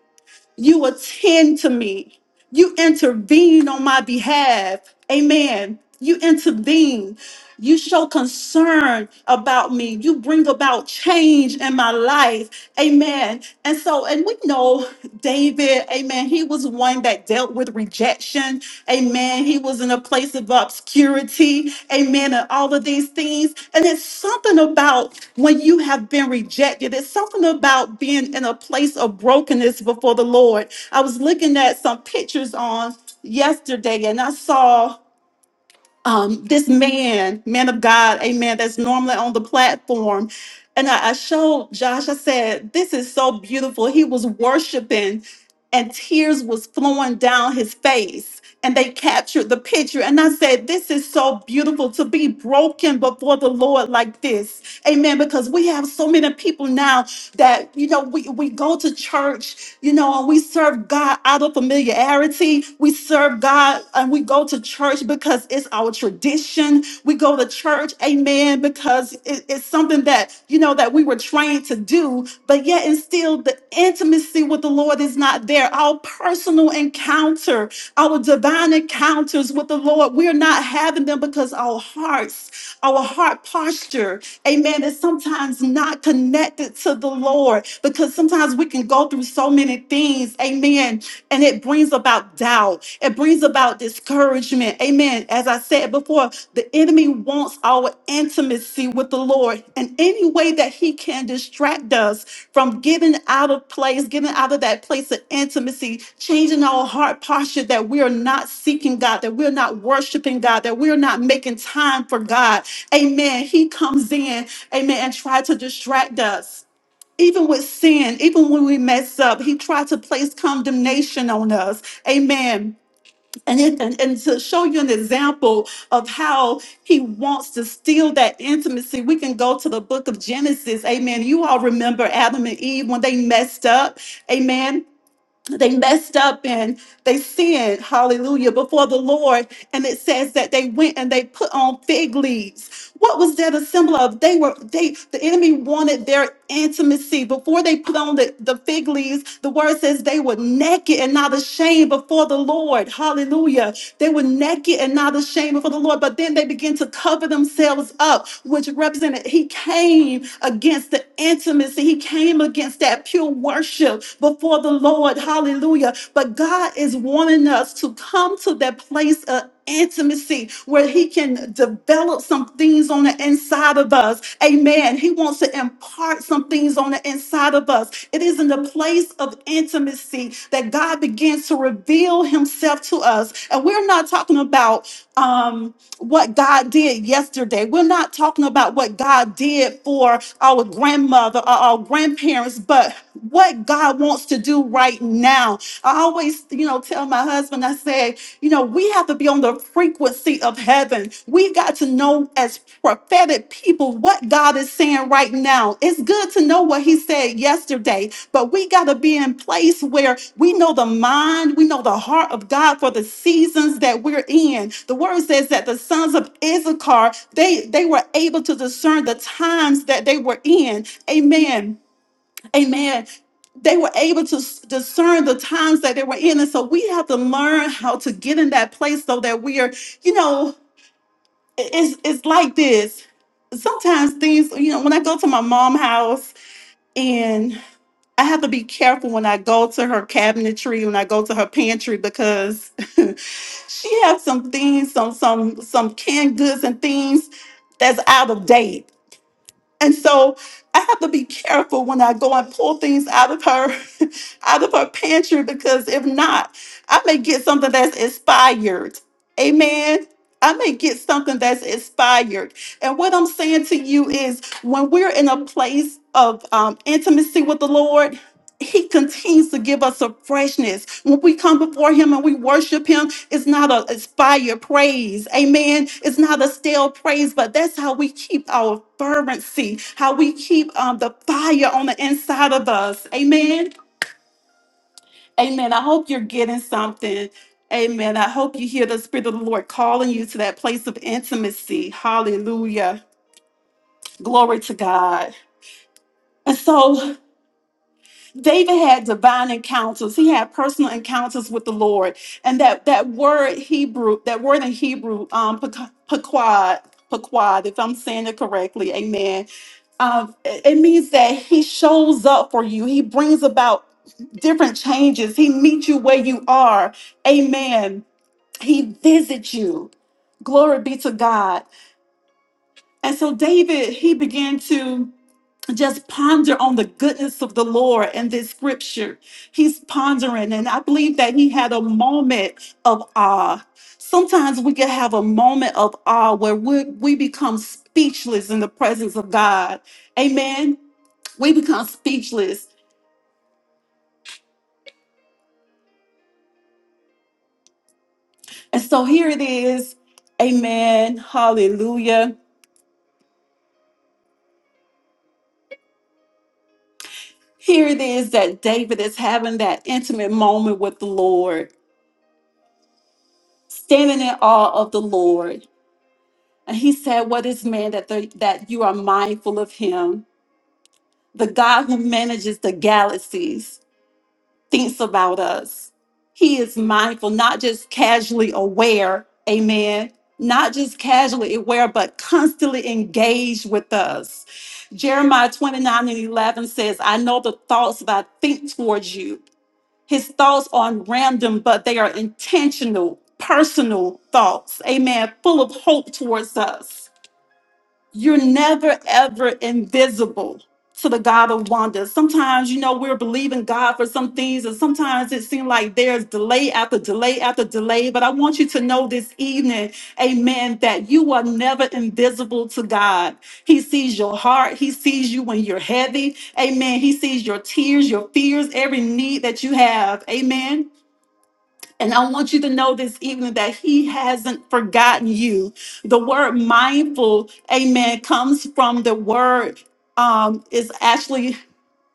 you attend to me, you intervene on my behalf. Amen. You intervene. You show concern about me. You bring about change in my life. Amen. And so, and we know David, amen. He was one that dealt with rejection. Amen. He was in a place of obscurity. Amen. And all of these things. And it's something about when you have been rejected, it's something about being in a place of brokenness before the Lord. I was looking at some pictures on yesterday and I saw um, this man, man of God, amen, that's normally on the platform. And I, I showed Josh, I said, this is so beautiful. He was worshiping and tears was flowing down his face. And they captured the picture. And I said, this is so beautiful to be broken before the Lord like this. Amen. Because we have so many people now that, you know, we, we go to church, you know, and we serve God out of familiarity. We serve God and we go to church because it's our tradition. We go to church, amen, because it- it's something that, you know, that we were trained to do. But yet, and still, the intimacy with the Lord is not not there. Our personal encounter, our divine encounters with the Lord, we're not having them because our hearts, our heart posture, amen, is sometimes not connected to the Lord because sometimes we can go through so many things, amen, and it brings about doubt. It brings about discouragement, amen. As I said before before, the enemy wants our intimacy with the Lord. And any way that he can distract us from getting out of place, getting out of that place of intimacy, changing our heart posture that we are not seeking God, that we're not worshiping God, that we're not making time for God. Amen. He comes in, amen, and try to distract us. Even with sin, even when we mess up, he tried to place condemnation on us. Amen and, it, and and to show you an example of how he wants to steal that intimacy we can go to the book of genesis amen you all remember adam and eve when they messed up amen they messed up and they sinned, hallelujah, before the Lord. And it says that they went and they put on fig leaves. What was that a symbol of? They were, they, the enemy wanted their intimacy. Before they put on the, the fig leaves, the word says they were naked and not ashamed before the Lord, hallelujah. They were naked and not ashamed before the Lord, but then they began to cover themselves up, which represented he came against the intimacy, he came against that pure worship before the Lord. Hallelujah. But God is wanting us to come to that place of intimacy where He can develop some things on the inside of us. Amen. He wants to impart some things on the inside of us. It is in the place of intimacy that God begins to reveal Himself to us. And we're not talking about um, what God did yesterday. We're not talking about what God did for our grandmother or our grandparents, but what what God wants to do right now. I always, you know, tell my husband, I say, you know, we have to be on the frequency of heaven. We got to know as prophetic people what God is saying right now. It's good to know what he said yesterday, but we got to be in place where we know the mind, we know the heart of God for the seasons that we're in. The word says that the sons of Issachar, they they were able to discern the times that they were in. Amen Amen. They were able to s- discern the times that they were in. And so we have to learn how to get in that place so that we are, you know, i- it's, it's like this. Sometimes things, you know, when I go to my mom's house and I have to be careful when I go to her cabinetry, when I go to her pantry, because she has some things, some some some canned goods and things that's out of date and so I have to be careful when I go and pull things out of her, out of her pantry, because if not, I may get something that's inspired. Amen. I may get something that's inspired. And what I'm saying to you is when we're in a place of um, intimacy with the Lord, he continues to give us a freshness. When we come before him and we worship him, it's not a expired praise. Amen. It's not a stale praise, but that's how we keep our fervency, how we keep um, the fire on the inside of us. Amen. Amen. I hope you're getting something. Amen. I hope you hear the Spirit of the Lord calling you to that place of intimacy. Hallelujah. Glory to God. And so David had divine encounters. He had personal encounters with the Lord, and that that word Hebrew, that word in Hebrew, um, pek- pequod, pequod, if I'm saying it correctly, Amen. Um, it it means that He shows up for you. He brings about different changes. He meets you where you are, Amen. He visits you. Glory be to God. And so David, he began to just ponder on the goodness of the Lord in this scripture. He's pondering, and I believe that he had a moment of awe. Sometimes we can have a moment of awe where we, we become speechless in the presence of God. Amen. We become speechless. And so here it is. Amen. Hallelujah. Here it is that David is having that intimate moment with the Lord, standing in awe of the Lord. And he said, What is man that, the, that you are mindful of him? The God who manages the galaxies thinks about us. He is mindful, not just casually aware, amen, not just casually aware, but constantly engaged with us. Jeremiah 29 and 11 says, I know the thoughts that I think towards you. His thoughts aren't random, but they are intentional, personal thoughts, amen, full of hope towards us you're never ever invisible to the God of wonders. Sometimes, you know, we're believing God for some things, and sometimes it seems like there's delay after delay after delay. But I want you to know this evening, amen, that you are never invisible to God. He sees your heart, He sees you when you're heavy, amen. He sees your tears, your fears, every need that you have, amen. And I want you to know this evening that he hasn't forgotten you. The word mindful, amen, comes from the word, um, is actually,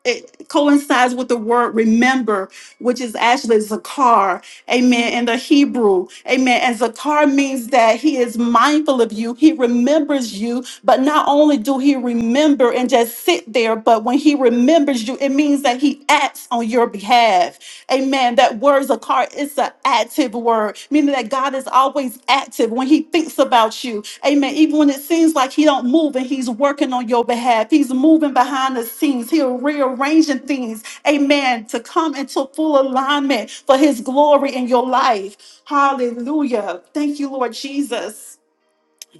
it coincides with the word remember, which is actually zakar, amen, in the Hebrew, amen. And zakar means that he is mindful of you, he remembers you, but not only do he remember and just sit there, but when he remembers you, it means that he acts on your behalf. Amen. That word Zakar is an active word, meaning that God is always active when He thinks about you. Amen. Even when it seems like He don't move and He's working on your behalf, He's moving behind the scenes. He's rearranging things. Amen. To come into full alignment for His glory in your life. Hallelujah. Thank you, Lord Jesus.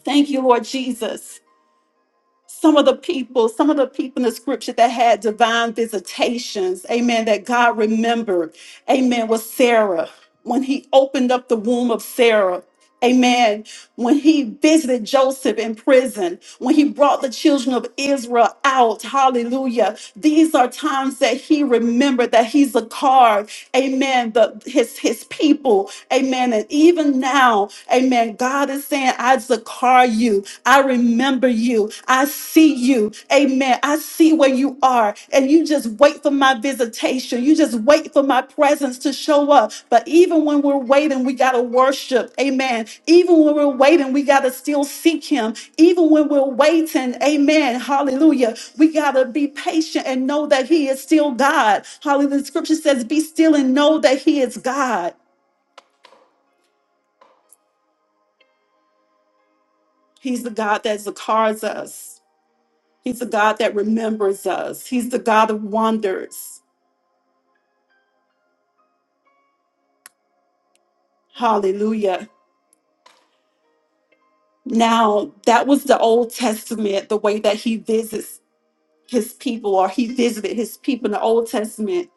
Thank you, Lord Jesus some of the people, some of the people in the scripture that had divine visitations, amen, that God remembered, amen, was Sarah. When he opened up the womb of Sarah, amen, when he visited Joseph in prison, when he brought the children of Israel out, hallelujah. These are times that he remembered that he's a card amen, the his his people, amen. And even now, amen, God is saying, I Zakar you, I remember you, I see you, amen. I see where you are, and you just wait for my visitation, you just wait for my presence to show up. But even when we're waiting, we got to worship. Amen. Even when we're waiting, we got to still seek Him. Even when we're waiting, Amen. Hallelujah. We got to be patient and know that He is still God. Hallelujah. The scripture says, Be still and know that He is God. He's the God that regards us, He's the God that remembers us, He's the God of wonders. Hallelujah. Now, that was the Old Testament, the way that He visits his people or he visited his people in the old testament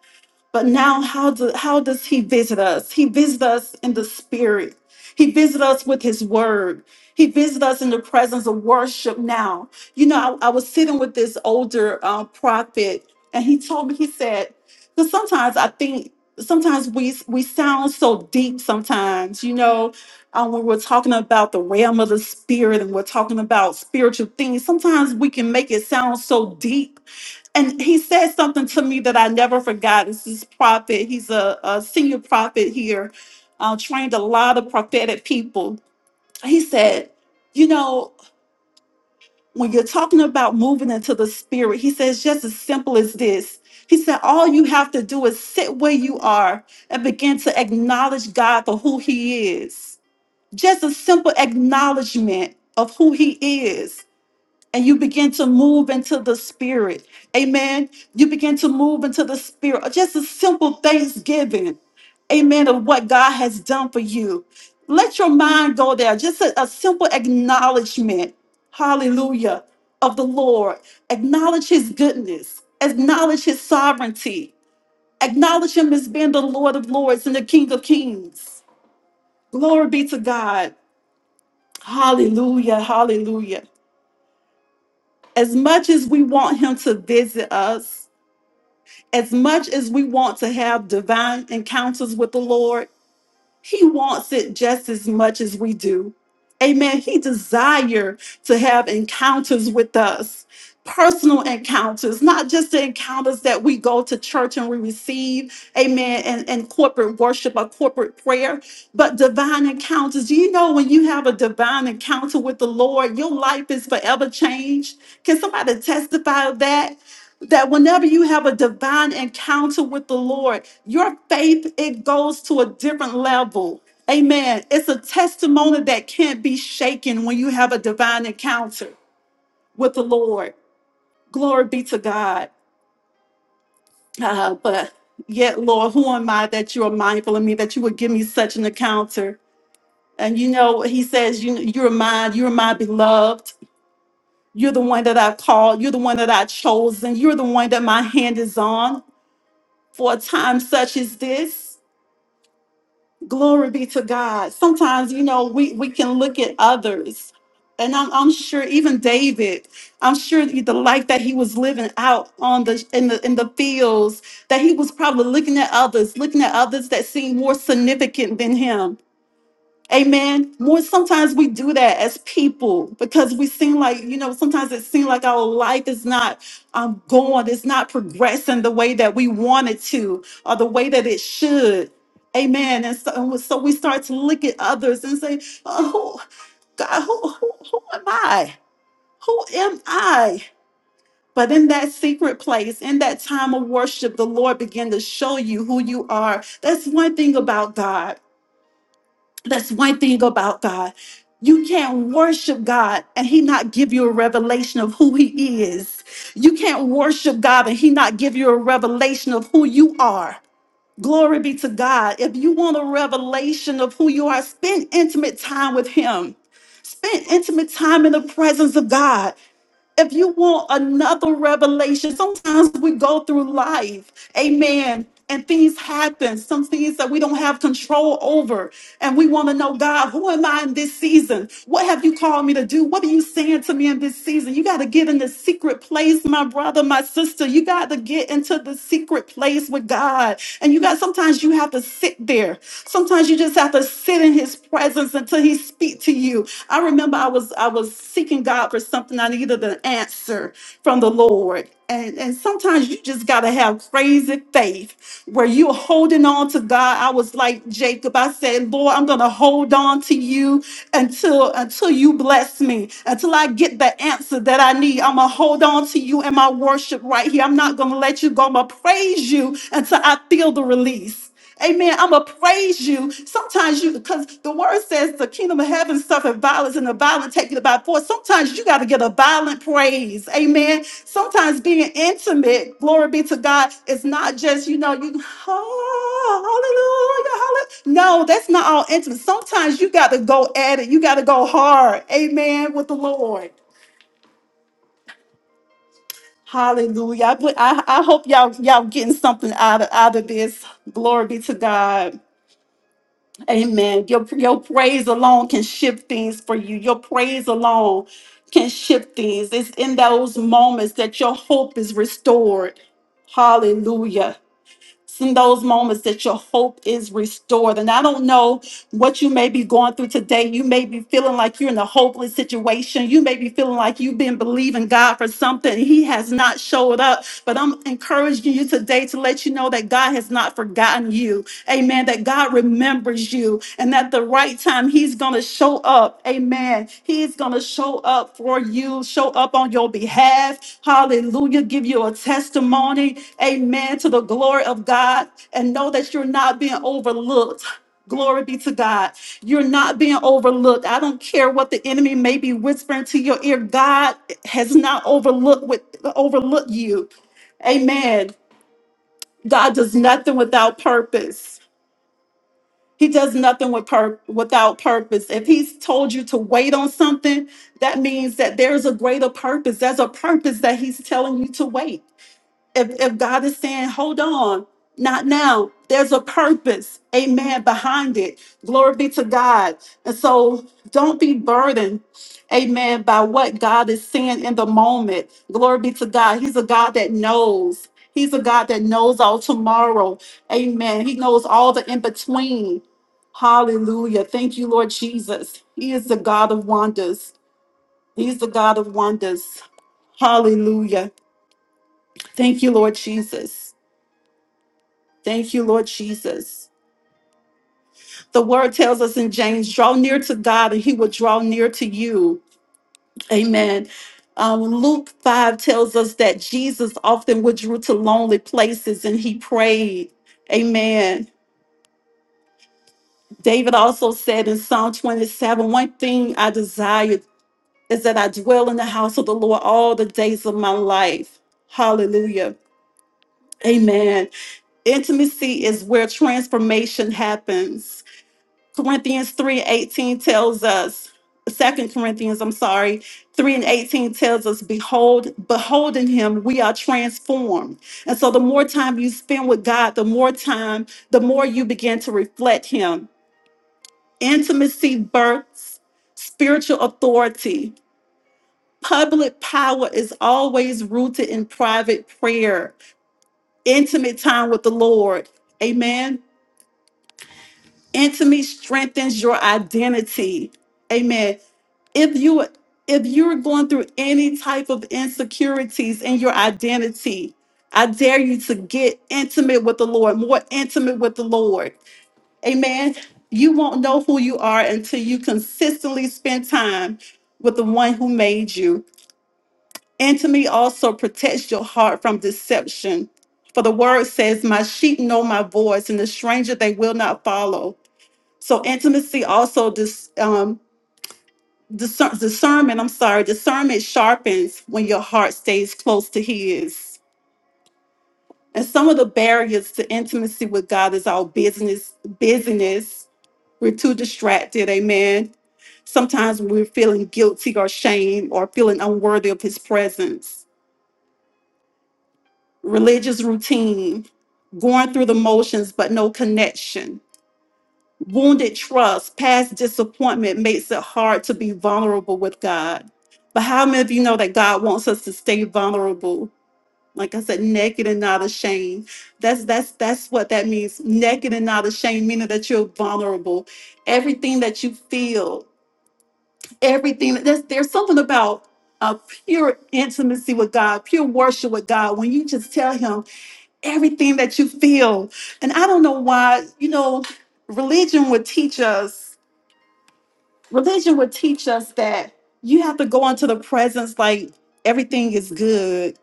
but now how do, how does he visit us he visits us in the spirit he visits us with his word he visits us in the presence of worship now you know i, I was sitting with this older uh, prophet and he told me he said because sometimes i think sometimes we we sound so deep sometimes you know um, when we're talking about the realm of the spirit and we're talking about spiritual things sometimes we can make it sound so deep and he said something to me that I never forgot. This is prophet. He's a, a senior prophet here, uh, trained a lot of prophetic people. He said, you know, when you're talking about moving into the spirit, he says just as simple as this. He said, all you have to do is sit where you are and begin to acknowledge God for who He is. Just a simple acknowledgement of who He is and you begin to move into the spirit. Amen. You begin to move into the spirit. Just a simple thanksgiving. Amen. Of what God has done for you. Let your mind go there. Just a, a simple acknowledgement. Hallelujah. Of the Lord. Acknowledge his goodness. Acknowledge his sovereignty. Acknowledge him as being the Lord of lords and the King of kings. Glory be to God. Hallelujah. Hallelujah. as much as we want him to visit us, as much as we want to have divine encounters with the Lord, he wants it just as much as we do. Amen. He desire to have encounters with us, personal encounters, not just the encounters that we go to church and we receive, amen, and, and corporate worship or corporate prayer, but divine encounters. Do you know when you have a divine encounter with the Lord, your life is forever changed? Can somebody testify of that? that whenever you have a divine encounter with the Lord, your faith it goes to a different level. Amen. It's a testimony that can't be shaken when you have a divine encounter with the Lord. Glory be to God. Uh, but yet, Lord, who am I that you are mindful of me, that you would give me such an encounter? And you know, He says, you, You're mine, you're my beloved. You're the one that I called. You're the one that I chosen. You're the one that my hand is on. for a time such as this. Glory be to God. Sometimes, you know, we, we can look at others. And I'm, I'm sure even David, I'm sure the the life that he was living out on the in the in the fields, that he was probably looking at others, looking at others that seemed more significant than him. Amen. More sometimes we do that as people because we seem like, you know, sometimes it seems like our life is not um, going, it's not progressing the way that we want it to or the way that it should. Amen. And so, and so we start to look at others and say, oh, God, who, who, who am I? Who am I? But in that secret place, in that time of worship, the Lord began to show you who you are. That's one thing about God. That's one thing about God. You can't worship God and He not give you a revelation of who He is. You can't worship God and He not give you a revelation of who you are. Glory be to God. If you want a revelation of who you are, spend intimate time with Him. Spend intimate time in the presence of God. If you want another revelation, sometimes we go through life, amen, and things happen, some things that we don't have control over. And we want to know, God, who am I in this season? What have you called me to do? What are you saying to me in this season? You got to get in the secret place, my brother, my sister. You got to get into the secret place with God. And you got sometimes you have to sit there. Sometimes you just have to sit in his his presence until he speak to you. I remember I was I was seeking God for something. I needed an answer from the Lord. And, and sometimes you just gotta have crazy faith where you're holding on to God. I was like Jacob. I said, Lord, I'm gonna hold on to you until until you bless me, until I get the answer that I need. I'm gonna hold on to you in my worship right here. I'm not gonna let you go. I'm gonna praise you until I feel the release. Amen. I'm gonna praise you. Sometimes you, because the word says the kingdom of heaven suffered violence, and the violent take it by force. Sometimes you got to get a violent praise. Amen. Sometimes being intimate, glory be to God, is not just you know you oh, hallelujah, hallelujah. No, that's not all intimate. Sometimes you got to go at it. You got to go hard. Amen. With the Lord. Hallelujah. I, I, I hope y'all y'all getting something out of out of this. Glory be to God. Amen. Your, your praise alone can shift things for you. Your praise alone can shift things. It's in those moments that your hope is restored. Hallelujah. It's in those moments that your hope is restored. And I don't know what you may be going through today. You may be feeling like you're in a hopeless situation. You may be feeling like you've been believing God for something. He has not showed up. But I'm encouraging you today to let you know that God has not forgotten you. Amen. That God remembers you and at the right time, He's going to show up. Amen. He's going to show up for you, show up on your behalf. Hallelujah. Give you a testimony. Amen. To the glory of God. And know that you're not being overlooked. Glory be to God. You're not being overlooked. I don't care what the enemy may be whispering to your ear. God has not overlooked with overlooked you. Amen. God does nothing without purpose. He does nothing with pur- without purpose. If he's told you to wait on something, that means that there's a greater purpose. There's a purpose that he's telling you to wait if, if God is saying, hold on, not now, there's a purpose, amen, behind it. Glory be to God. And so don't be burdened, amen, by what God is saying in the moment. Glory be to God. He's a God that knows. He's a God that knows all tomorrow. Amen. He knows all the in between. Hallelujah. Thank you, Lord Jesus. He is the God of wonders. He's the God of wonders. Hallelujah. Thank you, Lord Jesus. Thank you, Lord Jesus. The word tells us in James, draw near to God and he will draw near to you. Amen. Um, Luke 5 tells us that Jesus often withdrew to lonely places and he prayed. Amen. David also said in Psalm 27 One thing I desire is that I dwell in the house of the Lord all the days of my life. Hallelujah. Amen. Intimacy is where transformation happens. Corinthians 3 and 18 tells us, Second Corinthians, I'm sorry, 3 and 18 tells us, Behold, beholding him, we are transformed. And so the more time you spend with God, the more time, the more you begin to reflect him. Intimacy births spiritual authority. Public power is always rooted in private prayer, intimate time with the Lord. Amen. Intimacy strengthens your identity. Amen. If you if you're going through any type of insecurities in your identity, I dare you to get intimate with the Lord, more intimate with the Lord. Amen. You won't know who you are until you consistently spend time with the one who made you. Intimacy also protects your heart from deception. For the word says, My sheep know my voice, and the stranger they will not follow. So intimacy also dis, um, discern, discernment. I'm sorry, discernment sharpens when your heart stays close to His. And some of the barriers to intimacy with God is our business. Busyness. We're too distracted. Amen. Sometimes we're feeling guilty or shame or feeling unworthy of His presence. Religious routine, going through the motions but no connection Wounded trust, past disappointment makes it hard to be vulnerable with God. But how many of you know that God wants us to stay vulnerable? Like I said, naked and not ashamed. That's that's that's what that means. Naked and not ashamed, meaning that you're vulnerable. Everything that you feel, everything there's there's something about a pure intimacy with God, pure worship with God. When you just tell Him everything that you feel, and I don't know why, you know, religion would teach us religion would teach us that you have to go into the presence like everything is good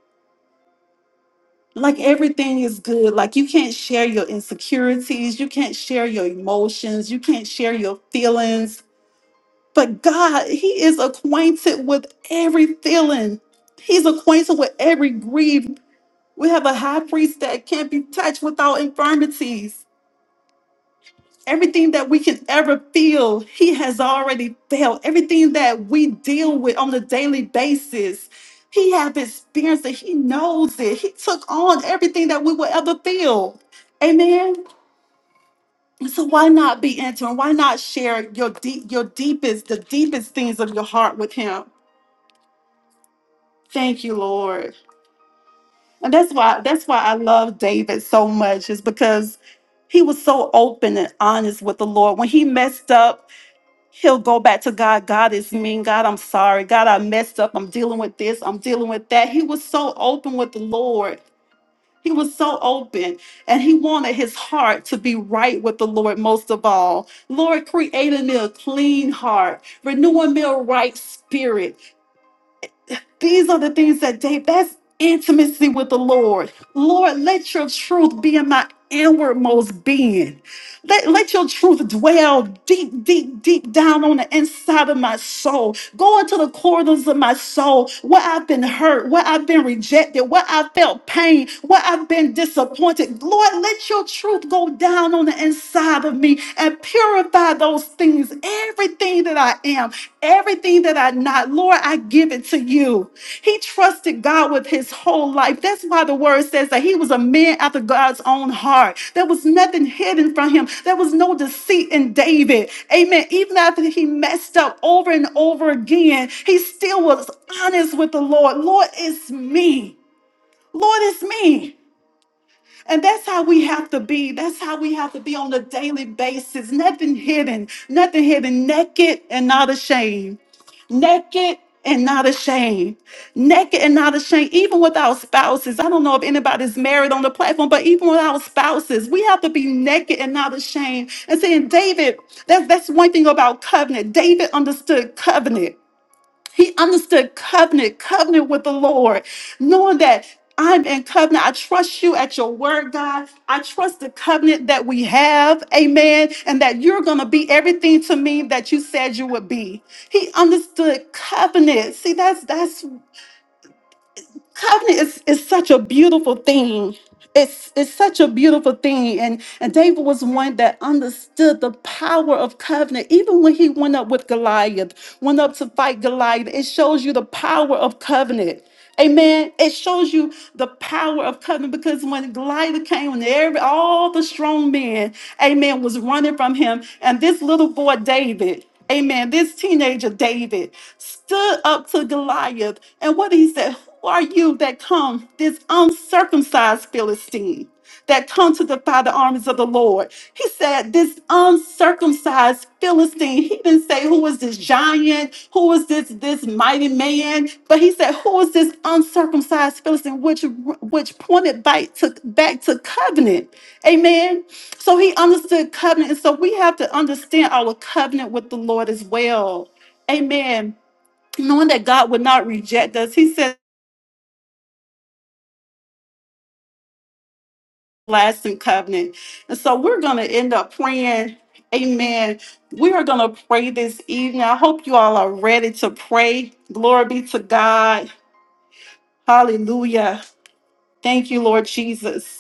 like everything is good like you can't share your insecurities you can't share your emotions you can't share your feelings but god he is acquainted with every feeling he's acquainted with every grief we have a high priest that can't be touched without infirmities Everything that we can ever feel, He has already felt. Everything that we deal with on a daily basis, He has experienced it. He knows it. He took on everything that we will ever feel. Amen. So why not be intimate? Why not share your deep, your deepest, the deepest things of your heart with Him? Thank you, Lord. And that's why that's why I love David so much is because he was so open and honest with the Lord when he messed up. He'll go back to God. God is mean. God, I'm sorry. God, I messed up. I'm dealing with this. I'm dealing with that. He was so open with the Lord. He was so open and he wanted his heart to be right with the Lord most of all. Lord, creating me a clean heart, renewing me a right spirit. These are the things that date. That's intimacy with the Lord. Lord, let your truth be in my inwardmost being. Let, let your truth dwell deep, deep, deep down on the inside of my soul. Go into the corridors of my soul where I've been hurt, where I've been rejected, where I felt pain, where I've been disappointed. Lord, let your truth go down on the inside of me and purify those things, everything that I am. Everything that I not, Lord, I give it to you. He trusted God with his whole life. That's why the word says that he was a man after God's own heart. There was nothing hidden from him. There was no deceit in David. Amen. Even after he messed up over and over again, he still was honest with the Lord. Lord, it's me. Lord, it's me. And that's how we have to be. That's how we have to be on a daily basis. Nothing hidden, nothing hidden, naked and not ashamed naked and not ashamed. Naked and not ashamed, even with our spouses. I don't know if anybody's married on the platform, but even with our spouses, we have to be naked and not ashamed. And saying, David, that's that's one thing about covenant. David understood covenant. He understood covenant, covenant with the Lord, knowing that I'm in covenant. I trust you at your word, God. I trust the covenant that we have, amen, and that you're going to be everything to me that you said you would be. He understood covenant. See, that's that's covenant is, is such a beautiful thing it's it's such a beautiful thing and and david was one that understood the power of covenant even when he went up with goliath went up to fight goliath it shows you the power of covenant Amen. It shows you the power of covenant because when Goliath came and every all the strong men, amen, was running from him. And this little boy David. Amen. This teenager David stood up to Goliath, and what he said, "Who are you that come, this uncircumcised Philistine, that come to defy the armies of the Lord?" He said, "This uncircumcised Philistine." He didn't say who was this giant, who was this this mighty man, but he said, "Who was this uncircumcised Philistine?" Which which pointed back to back to covenant. Amen. So he understood covenant. And so we have to understand our covenant with the Lord as well. Amen. Knowing that God would not reject us, he said, lasting covenant. And so we're going to end up praying. Amen. We are going to pray this evening. I hope you all are ready to pray. Glory be to God. Hallelujah. Thank you, Lord Jesus.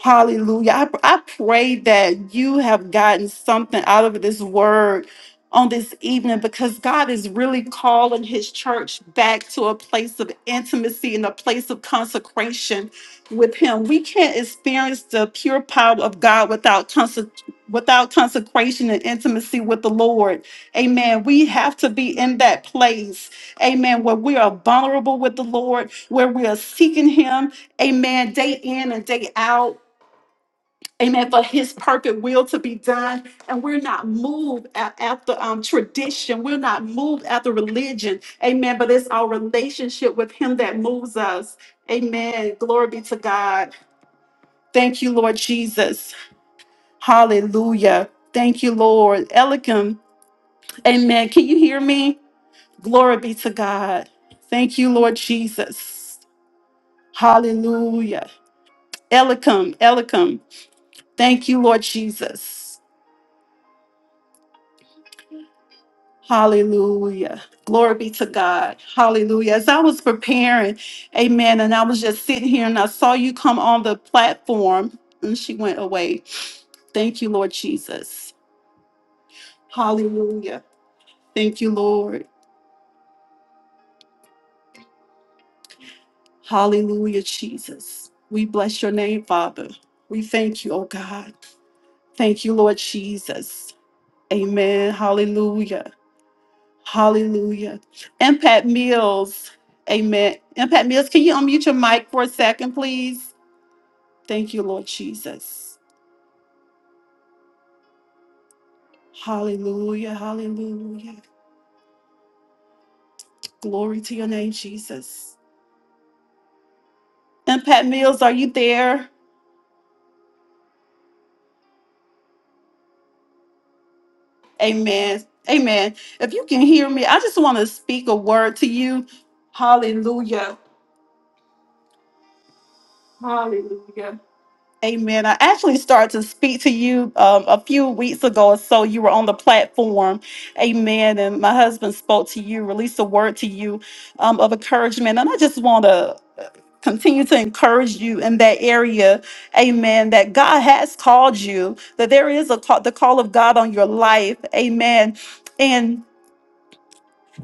Hallelujah. I, I pray that you have gotten something out of this word on this evening because God is really calling his church back to a place of intimacy and a place of consecration with him. We can't experience the pure power of God without conse- without consecration and intimacy with the Lord. Amen. We have to be in that place. Amen. Where we are vulnerable with the Lord, where we are seeking him. Amen. Day in and day out Amen. For his perfect will to be done. And we're not moved a- after um, tradition. We're not moved after religion. Amen. But it's our relationship with him that moves us. Amen. Glory be to God. Thank you, Lord Jesus. Hallelujah. Thank you, Lord. Elikim. Amen. Can you hear me? Glory be to God. Thank you, Lord Jesus. Hallelujah. Elikim. Elikim. Thank you, Lord Jesus. Hallelujah. Glory be to God. Hallelujah. As I was preparing, amen, and I was just sitting here and I saw you come on the platform and she went away. Thank you, Lord Jesus. Hallelujah. Thank you, Lord. Hallelujah, Jesus. We bless your name, Father. We thank you, oh God. Thank you, Lord Jesus. Amen. Hallelujah. Hallelujah. Impact Mills. Amen. Impact Mills, can you unmute your mic for a second, please? Thank you, Lord Jesus. Hallelujah. Hallelujah. Glory to your name, Jesus. Impact Mills, are you there? Amen. Amen. If you can hear me, I just want to speak a word to you. Hallelujah. Hallelujah. Amen. I actually started to speak to you um, a few weeks ago or so. You were on the platform. Amen. And my husband spoke to you, released a word to you um, of encouragement. And I just want to continue to encourage you in that area. Amen. That God has called you, that there is a call, the call of God on your life. Amen. And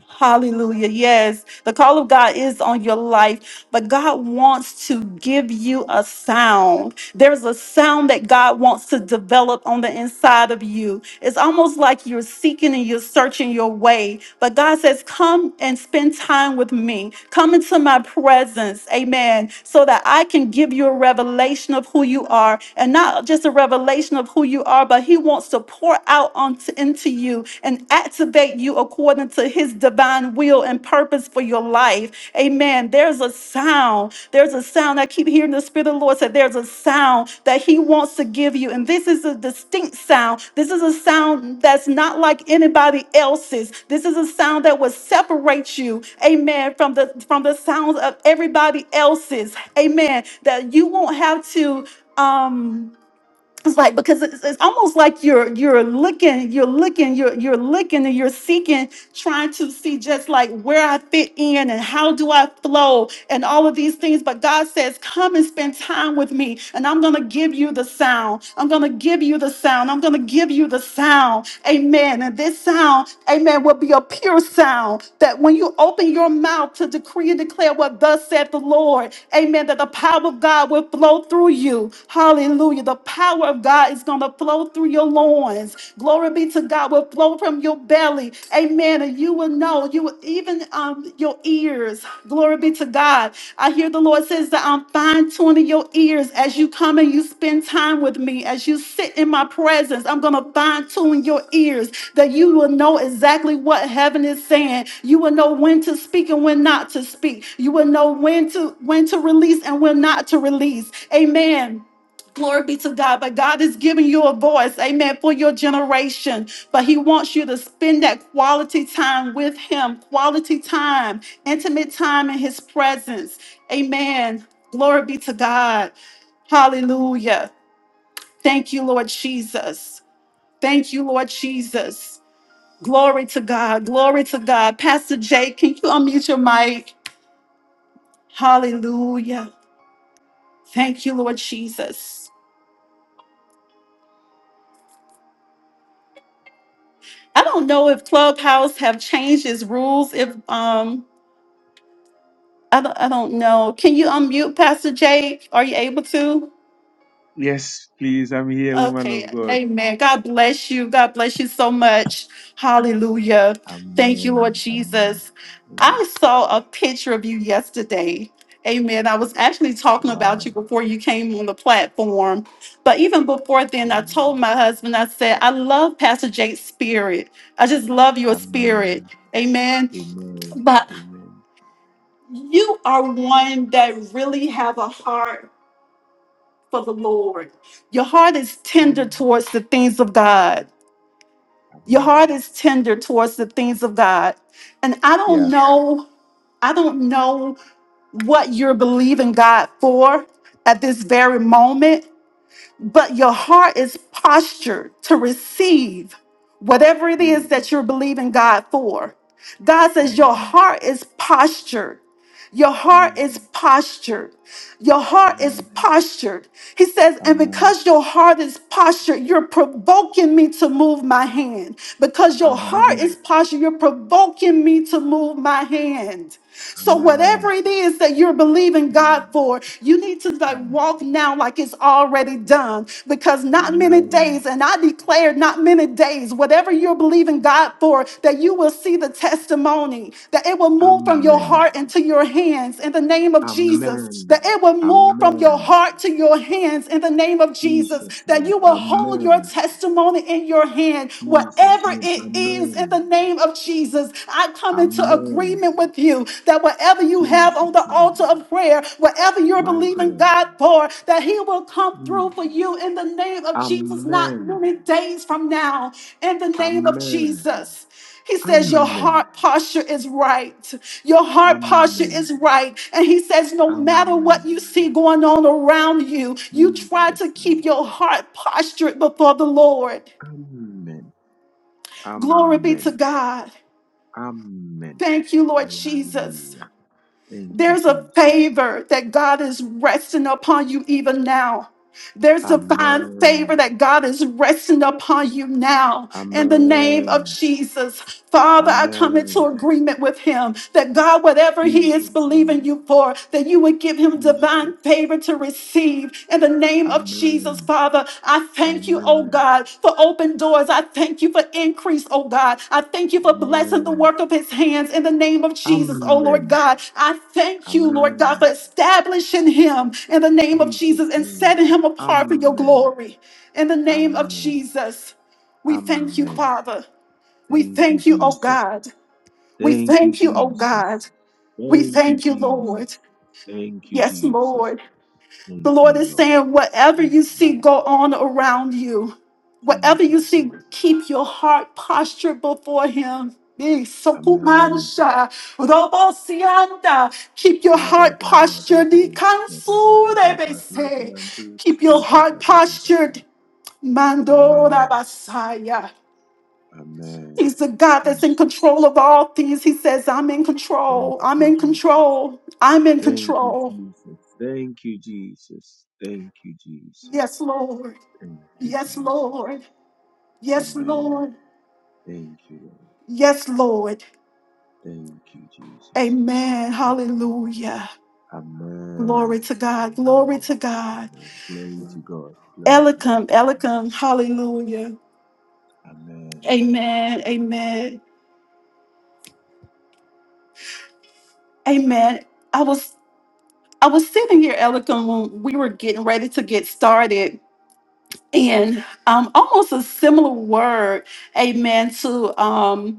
Hallelujah. Yes, the call of God is on your life, but God wants to give you a sound. There's a sound that God wants to develop on the inside of you. It's almost like you're seeking and you're searching your way, but God says, Come and spend time with me. Come into my presence. Amen. So that I can give you a revelation of who you are, and not just a revelation of who you are, but He wants to pour out onto, into you and activate you according to to his divine will and purpose for your life. Amen. There's a sound. There's a sound. I keep hearing the Spirit of the Lord say, There's a sound that he wants to give you. And this is a distinct sound. This is a sound that's not like anybody else's. This is a sound that will separate you, amen, from the from the sounds of everybody else's. Amen. That you won't have to um it's like because it's, it's almost like you're you're looking, you're looking, you're you're looking, and you're seeking, trying to see just like where I fit in and how do I flow and all of these things. But God says, "Come and spend time with me, and I'm gonna give you the sound. I'm gonna give you the sound. I'm gonna give you the sound." Amen. And this sound, Amen, will be a pure sound that when you open your mouth to decree and declare what thus said the Lord, Amen, that the power of God will flow through you. Hallelujah. Hallelujah. The power of God is going to flow through your loins. Glory be to God will flow from your belly. Amen. And you will know, you will even um, your ears. Glory be to God. I hear the Lord says that I'm fine tuning your ears as you come and you spend time with me, as you sit in my presence. I'm going to fine tune your ears that you will know exactly what heaven is saying. You will know when to speak and when not to speak. You will know when to when to release and when not to release. Amen. Glory be to God. But God is giving you a voice, amen, for your generation. But He wants you to spend that quality time with Him, quality time, intimate time in His presence. Amen. Glory be to God. Hallelujah. Thank you, Lord Jesus. Thank you, Lord Jesus. Glory to God. Glory to God. Pastor Jay, can you unmute your mic? Hallelujah. Thank you, Lord Jesus. I don't know if Clubhouse have changed its rules. If um, I don't, I don't know. Can you unmute Pastor Jake? Are you able to?
Yes, please. I'm here, woman
Okay,
of God.
amen. God bless you. God bless you so much. Hallelujah. Thank you, Lord Jesus. I saw a picture of you yesterday. Amen. I was actually talking about you before you came on the platform. But even before then, I told my husband, I said, I love Pastor Jake's spirit. I just love your spirit. Amen. But you are one that really have a heart for the Lord. Your heart is tender towards the things of God. Your heart is tender towards the things of God. And I don't know, I don't know what you're believing God for at this very moment, but your heart is postured to receive whatever it is that you're believing God for. God says your heart is postured Your heart is postured. Your heart is postured. He says, and because your heart is postured, you're provoking me to move my hand. Because your heart is postured, you're provoking me to move my hand. So whatever it is that you're believing God for, you need to like walk now like it's already done. Because not many days, and I declare declare not many days, whatever you're believing God for, that you will see the testimony, that it will move from your heart into your hands in the name of Jesus, that it will move from your heart to your hands in the name of Jesus, that you will hold your testimony in your hand, whatever it is in the name of Jesus. I come into agreement with you that whatever you have on the altar of prayer, whatever you're believing God for, that He will come through for you in the name of Jesus, not many days from now, in the name of Jesus. He says, Your heart posture is right. Your heart posture is right. And He says, No matter what you see going on around you, you try to keep your heart postured before the Lord. Glory be to God. Thank you, Lord Jesus. There's a favor that God is resting upon you even now. There's divine favor that God is resting upon you now in the name of Jesus. Father, I come into agreement with him that God, whatever he is believing you for, that you would give him divine favor to receive in the name of Jesus. Father, I thank you, oh God, for open doors. I thank you for increase, oh God. I thank you for blessing the work of his hands in the name of Jesus, oh Lord God. I thank you, Lord God, for establishing him in the name of Jesus and setting him apart for your glory in the name of Jesus. We thank you, Father. We thank you, oh God. We thank you, oh God. We thank you, Lord. Yes, Lord. The Lord is saying, whatever you see go on around you, whatever you see, keep your heart postured before Him. Eh, sokumansha, robosianda. Keep your heart postured. Ikansu, they say. Keep your heart postured. Mando Rabasaya. He's the God that's in control of all things. He says, I'm in control. I'm in control. I'm in control. Yes, Lord. Yes, Lord. Yes, Lord. Yes, Lord. Amen. Hallelujah. Glory to God. Glory to God. Elikam, Elikam. Hallelujah. Amen. Amen. Amen. I was I was sitting here, Elikam, when we were getting ready to get started, and um, almost a similar word, Amen, to um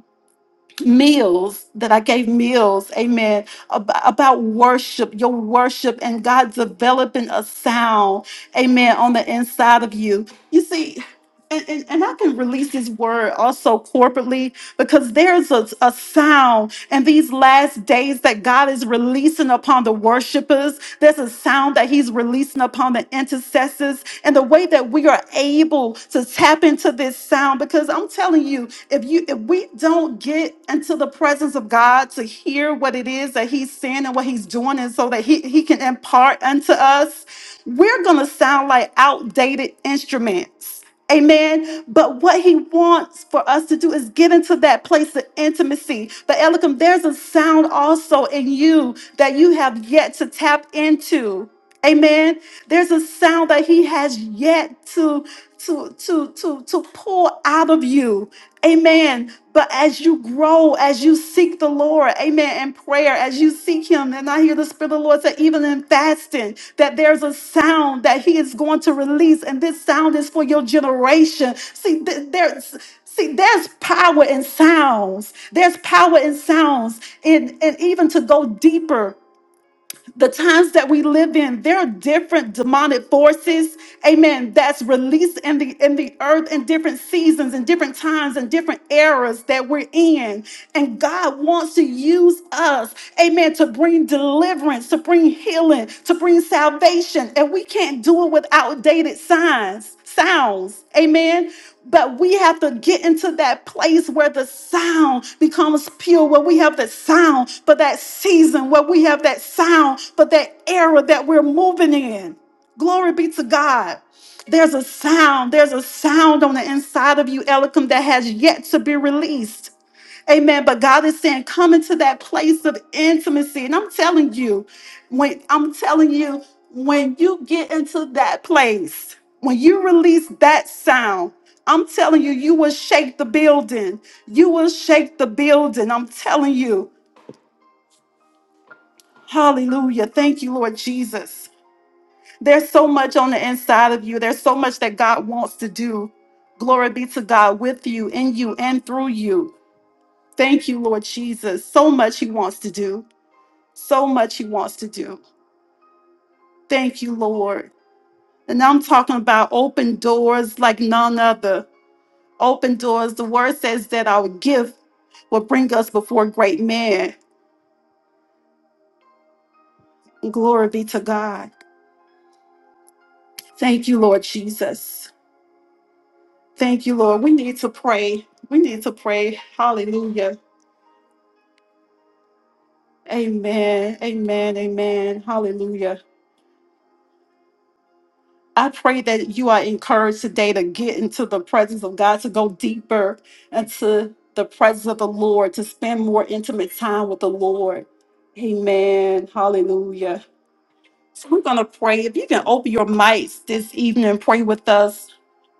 meals that I gave meals, amen, about, about worship, your worship, and God developing a sound, amen, on the inside of you. You see, and, and, and I can release this word also corporately because there's a, a sound and these last days that God is releasing upon the worshipers, there's a sound that He's releasing upon the intercessors, and the way that we are able to tap into this sound. Because I'm telling you, if you if we don't get into the presence of God to hear what it is that He's saying and what He's doing, and so that He, he can impart unto us, we're gonna sound like outdated instruments Amen. But what he wants for us to do is get into that place of intimacy. But Elikim, there's a sound also in you that you have yet to tap into. Amen. There's a sound that he has yet to to to to to pull out of you. Amen. But as you you grow, as you seek the Lord, amen, in prayer, as you seek Him. And I hear the Spirit of the Lord say, even in fasting, that there's a sound that He is going to release, and this sound is for your generation. See, th- there's See, there's power in sounds. There's power in sounds, and, and even to go deeper the times that we live in there are different demonic forces amen that's released in the in the earth in different seasons and different times and different eras that we're in and god wants to use us amen to bring deliverance to bring healing to bring salvation and we can't do it with outdated signs sounds amen but we have to get into that place where the sound becomes pure, where we have that sound for that season, where we have that sound for that era that we're moving in. Glory be to God. There's a sound, there's a sound on the inside of you, Elohim, that has yet to be released. Amen. But God is saying, come into that place of intimacy. And I'm telling you, when I'm telling you, when you get into that place, when you release that sound, I'm telling you, you will shake the building. You will shake the building. I'm telling you. Hallelujah. Thank you, Lord Jesus. There's so much on the inside of you. There's so much that God wants to do. Glory be to God with you, in you, and through you. Thank you, Lord Jesus. So much He wants to do. so much he wants to do. Thank you, Lord. And I'm talking about open doors like none other. Open doors. The word says that our gift will bring us before great men. Glory be to God. Thank you, Lord Jesus. Thank you, Lord. We need to pray. We need to pray. Hallelujah. Amen. Amen. Amen. Hallelujah. I pray that you are encouraged today to get into the presence of God, to go deeper into the presence of the Lord, to spend more intimate time with the Lord. Amen. Hallelujah. So we're going to pray. If you can open your mics this evening and pray with us,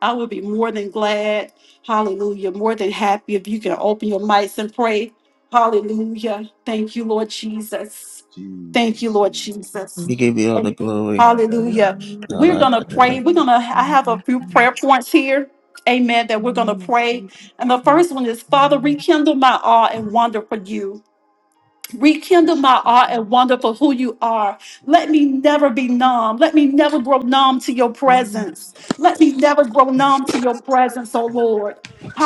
I would be more than glad. Hallelujah. More than happy if you can open your mics and pray. Hallelujah. Thank you, Lord Jesus. Thank you, Lord Jesus.
We give you all the
And
glory.
Hallelujah. We're going to pray.
Rabadaba.
We're going to, I have a few prayer points here. Amen. That
In
we're
the
going to
name of
pray.
Jesus,
And the first one is Father, rekindle my awe and wonder for you.
in
Rekindle my
Jesus'
awe and
name.
wonder for who you are. Let me never be numb. Let me never grow numb to your presence. Let me never grow numb to your presence, oh Lord.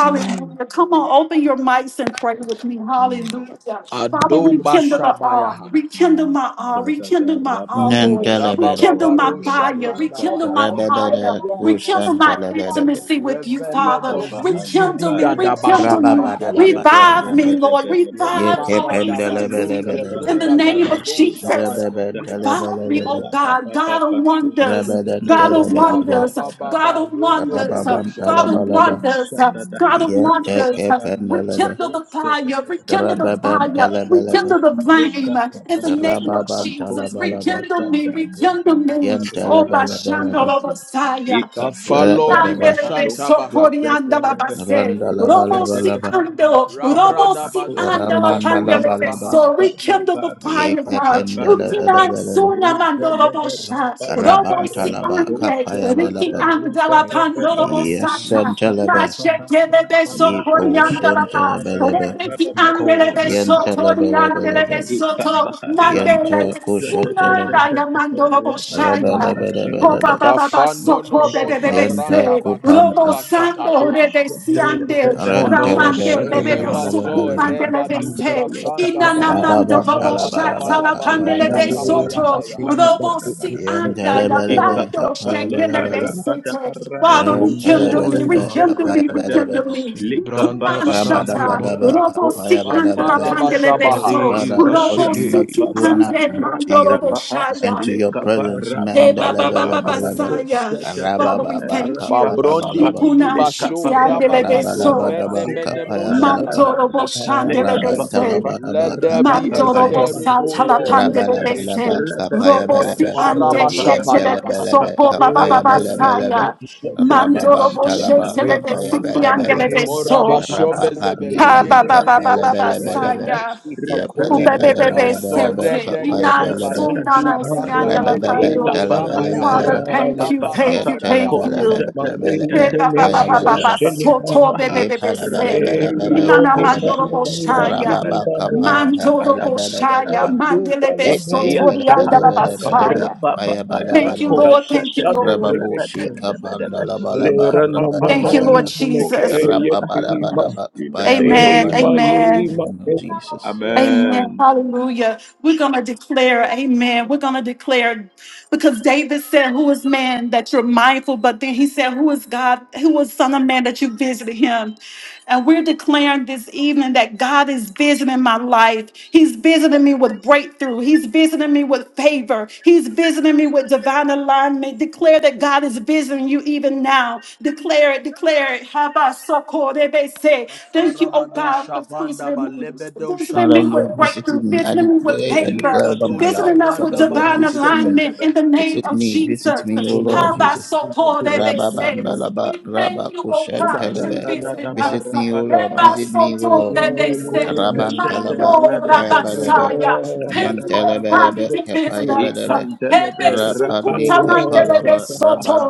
Amen.
Come on, open your mics and pray with me. Hallelujah.
In the
Father,
name of
rekindle the
Jesus,
uh,
Adobashabayaha.
in the
rekindle
name of
my uh,
Jesus,
rekindle my uh,
in the
Lord.
Nantelebedebe.
Rekindle my
Rabababaro
name of
fire.
Jesus, in the name of Jesus,
Rekindle my
Shabrandabayabaha.
Rebebede
fire.
in
Rekindle my
kushantelebedebe.
intimacy with you, Father.
Revelodo
Rekindle me. Rekindle
Zigidigadabashabaya.
me. Revive
Rababadabadabadaba.
me, Lord. Revive our
Ravagadabalo
intimacy
Yekependelebelebelebe.
in the name of
Zebrodagadabo
Jesus.
Shabayaha.
Revive me,
Rebebentelebelebele.
oh God, God of
the
wonders,
name of
God of
Jesus.
Rebedentelebelebe.
wonders, God
Zababababa
of wonders,
Rosebedoshaha.
God of
Handle our
Rababantalabalaba.
hearts
wonders,
in the name
God of
of Jesus,
wonders.
Yetekependelebe.
Rekindle the fire, rekindle
in
the
the name of
fire,
Rebebentelebelebe.
Jesus,
rekindle
in
the
the
flame
name of
in the
Jesus,
name of Jesus.
kindle
Rababantalabalaba.
our
Rekindle
fire
me,
in the name of
rekindle me.
Jesus.
Oh,
Yentelebelebelebe.
Bashandalo
Shake the
Messiah.
rubber, handle our
Tafalori
Rebedebe.
hearts,
Nandelebe
shake the
Bashantabaha.
sokorianda
rubber, rubber,
babase. Robo si
Randalabalabalaba.
ando, robo si ando
Rabradabazoge
la
debo
rubber.
candela de
Ramandalabalaba.
shabaha.
so
Jesus.
rekindle the fire, God. Ukinan
Yekependeleberebe.
suna mando robo
Jesus.
robo
Rabam
si
Name of Jesus. In the
talaba
ande,
kapaya
riki
balaba.
ando la pando robo sata.
Yesentelebe.
Nasce beso
Yipo
coriando la paz,
sentelebelebe.
repeti ande beso coriando le
Yentelebelebelebe.
beso to, mandele le
Yente
beso
kusentelebe.
nanda ya mando robo
name of
shaya.
Rebelebelebelebe.
Oba ba
Jesus.
ba ba
Kafano no
soto
mo
bebe bebe
Yente
shabranda
se
bakuli
kupandi.
robo sando
bashatayaha.
bebe siande
Moly
ramande
Rentelebe
bebe bebe
Elevazo
kependelebelebe.
sukumande bebe
regadu
se
shabranga
inanamando
Rababam
dabakusha
bobo
talabalaba
shata la
patabadaba
kapaya
pandele bebe
balabalaba.
soto
rakatabayabayaha.
robo si anda ya
Yentelebelebe
lando
kapaya
shekele bebe
balabalaba.
sete Father rekindle me
Rentelebelebe
by
rekindle me rekindle
kapaya
me
the Branda
kunan
Sandi
shata
Rabadabadaba,
robo si anda la
Mafara
kapayabadabadaba.
pandele bebe
bashabaha.
so
Valley
Father, cause
robo
me
si
Basidi.
not to
ti
go
ande
numb to
mando robo
you
in
and
shaya
to your presence.
the
Hey, Baba Baba Basaya,
Mandalabalaba,
Father, we
rabababa,
thank you.
Fabrondi
kapayabalaba,
gidi
Ikuna shiti
basho
andele
In
rabakato
rabadabadaba,
venemene mo
kapayabalaba,
shakata.
Mandoro bo shandele
Let
rabantalabalaba,
there be a
Mandoro bo
kapayabalaba.
stirring, O
satala
Lord.
pandele
Rabalabalaba
bese.
The name of
si
kapayabalaba
Kafara
ande
Jesus, I
shetele
bashapadabaha.
worship you,
yentelebalaba
Baba Baba Basaya,
kapayabalabalaba
Mandoro bo
rababantalaba
shetele bese ki andele
kapayabalabalaba
beso.
Morabasho vezebe
Ha
loge
rapapandidibidi
ba ba ba
debele bo shapadaha.
kapalabalabalaba
Father,
yapalabalabalabalaba
Masore
Lord.
de gede
kapayabalaba
balu shabranda bakoli bashaba yaba
rabababantalabalaba
yaba
thank you,
lava
thank you,
sobra
thank
dabaha
you.
yentelebalabalabalaba
Hey, ba, ba, ba, ba, ba,
kapayabalaba
ba, so, to,
Thank you.
be, be, be, be, say. Ina na
Elohim
yepalabalabalabalaba
mandoro
Elohim
boshaya.
Makidi Mamos,
Mandoro boshaya.
rababakapayabandalabalaba
Sandu
Mandele be
Ye
so, to,
aya
Palamus
the
bada bada
andala
bada bada ba
Semenakata,
basaya.
the
aya
name
bada
of
Thank
bada
you,
ba
Santa
Lord. Thank
Jesus,
you,
raba
Lord.
Sante
bo
peke.
shika panda la bala ba raba da
It
Thank you,
bala ba
Lord Jesus.
raba bada bada ba aya bada
Amen.
bada. In the
Amen.
name of Jesus.
Amen. Hallelujah. We're going to declare, Amen. We're going to declare Because David said, Who is man that you're mindful? But then he said, Who is God? Who is Son of Man that you visited him? And we're declaring this evening that God is visiting my life. He's visiting me with breakthrough. He's visiting me with favor. He's visiting me with divine alignment. Declare that God is visiting you even now. Declare it, declare it. Habasokorebese. Thank you, oh
afarabado
God, for
shabanda
visiting
ba
me.
lebedo
Visiting
Father,
me
you
shapaha
have
with breakthrough
visited
breakthrough.
me. I
Visiting me with
declare and
paper.
declare over
iligado
my
Visiting
life.
us with
Father,
shabranda
you have
divine
bakuse
visited me.
alignment in the
fetebehe
name
Visit
of
me, visit
Jesus.
me, O Lord
How by
Jesus.
so poor they may say.
Rababandalaba,
We thank you, oh
took
God, that
me
you're
Rabakushentelebe.
visiting
long,
us.
Visit me, O
They
Lord,
by
visit
it
so
took
me, O
me
soto
Lord.
that they
long,
say.
goodness.
my
Rabantalaba,
Mando
it took me
Apayabalebe,
rabasaya.
long,
Thank you, oh God,
it
that
Nyentelebelebe,
you
broke
visit
through.
us.
Apayabalebe.
Rebe
It's the dear
Rapani
sukuta mande
Lord,
rebe
Kapalaba Raban
soto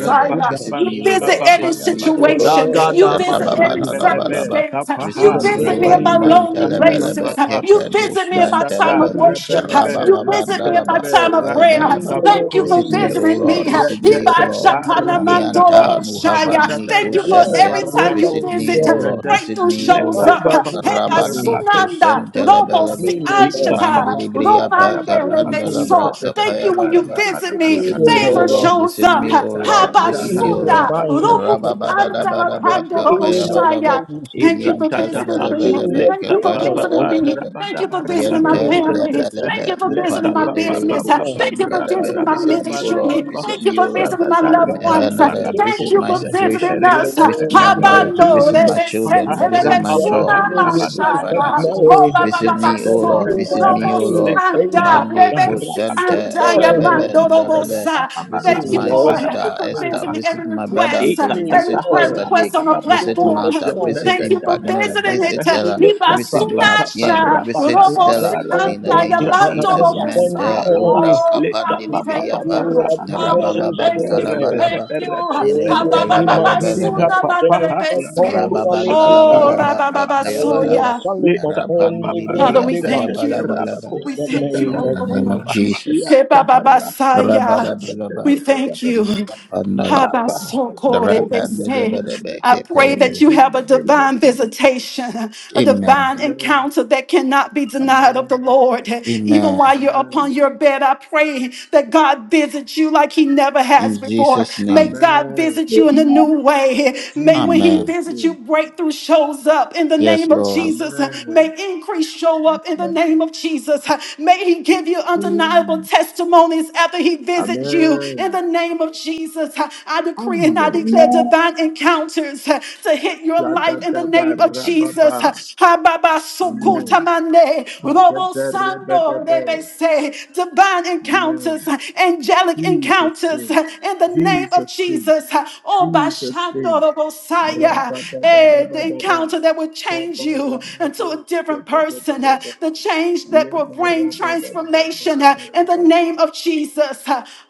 your
Visit
goodness.
You
me, O
visit
Lord.
every
It's
Visit
the
me, O
dear
Lord.
situation. You
Lord, your
visit
yagada
every every
goodness.
Rababadabadaba.
circumstance.
In
Visit
You
the
me, O
visit me in
Lord.
my
name of
lonely
Mentelebelebe.
places.
Jesus,
You visit
Kepenus
me in my time
Mentelebe.
of
move the
worship.
sun.
You visit me in my
Rabababandalaba.
time of
It's
prayer.
Kapayabeleba.
the
Thank you for
Visit me,
Elohim,
O
visiting me.
Lord. Visit me, O
the
Lord.
move the
Mianta
sun.
Ibashakaramandoroboshaya.
Nuhavani
Thank you for
Yeah,
Kusente.
every time you
Jehovah,
Visit me,
visit,
O
yeah.
Lord. Visit
breakthrough
me, O
shows
Lord.
up.
Provide us this me.
Rabandi
Hebasunanda,
Visit
Kusentelebelebe.
me, O Lord.
Robosiashata,
Mandiri Briya
Visit
Romande,
Paka
me,
Pandala
Rebeso.
Braka
Jesus.
Thank you when you
Payabalaba.
visit
Visit
me.
me,
Visit
O
me, O
Favor
Lord.
Lord,
shows
visit me,
up.
O Lord,
Visit
visit
me
me,
in
O
your
Lord.
Habasunda,
mind.
Rubuki
Rababada
Andala
Visit
Labadaba
me
Pandoro
in your
Kapayabalaba.
Shaya.
grace.
Thank you for
Yente
You
visiting
should be
me.
Lebelebelebe
your
Thank you for
favor,
visiting
Lord.
me.
Kapayabalabelebe.
Thank you for visiting
Should
my
be
Yente
your
family.
favor.
Thank you
Lebelebe
for visiting
Upandi
my
Protect me
business.
Lebelebu
now.
Thank you
Sente
for
Lebe.
visiting my
Protect
Visit me, O
me,
ministry.
Lord, visit
Jesus.
Thank you
me,
for
O Lord.
visiting my
You find The
loved
May
kind
her
ones.
of
uh,
Thank
visit
you
protection
my
for
now.
visiting
situation,
In
us.
the
visit my
name of
marriage,
Habando
visit my
Jesus.
children,
rebesente
But
visit
on
my
the other
job,
rebesuna
hand, you
visit my
beautified
mashaya.
finances,
Oh,
Mary.
Baba
visit me,
Baba
O
Said
So.
Lord,
you
visit
are
me, O
Robosi
highly
Lord.
anda,
Mandi
favored.
rebensi
Kusante
Oh,
anda, ya
Lord.
Rebeben
mando robo
Delebe.
Protect
sa.
me,
Visit
Thank you,
my
Lord,
Lord.
sister
Protect
for
me.
Esther,
visiting
visit
every
my brother
request,
Protect
Anthony,
me,
visit
every prayer
Pastor
Lord.
Jake,
request on the
visit
Protect
platform.
me,
We
Martha, visit
thank
Lord.
you for
Impact Mill,
visiting
Protect
it.
visit
me,
Ella, visit
Jesus.
Donatien,
Ibasunasha,
visit
In the
Stella
name of
in the
robosinanda,
Jesus,
name
in
of
the
Jesus.
name of Jesus,
Mente
yamandorobosa.
Lubra
we
Oh, God,
Kapandi
we
thank God
thank
Libriapa.
you.
for
Father, we thank you. We
Rabababantalabalaba,
thank you.
Identelebelebelebe,
Ababababasuna, mandelebese. Oh,
Rababandalabalaba, Apayabalaba,
rabababasoya.
Rapandilibi,
Father, we thank you.
Apayabalabalaba.
We thank you, oh
In the name of
Lord.
Jesus.
Hebababasaya.
Rabarabalaba,
We thank you.
Yekapandalabalaba,
Habasoko, they they say.
Rapandilebelebe,
I pray that
Kepayabele.
you have a divine visitation, a
Amen.
divine encounter that cannot be denied of the Lord. Even
Amen.
while you're upon your bed, I pray that God visits you like he never has
In
before.
Jesus'
May
name.
God visit you in a new way. May when he
Amen.
visits you, breakthrough shows up up in the
Yes,
name of
Lord.
Jesus. May increase show up in the name of Jesus. May He give you undeniable testimonies after He visits you in the name of Jesus. I decree and I declare divine encounters to hit your life in the name of Jesus. Hababasukutamane, robosando, Say divine encounters, angelic encounters in the name of Jesus. Oh, Bashando Bosaya, eh, the encounter that will change you into a different person, eh, the change that will bring transformation eh, in the name of Jesus.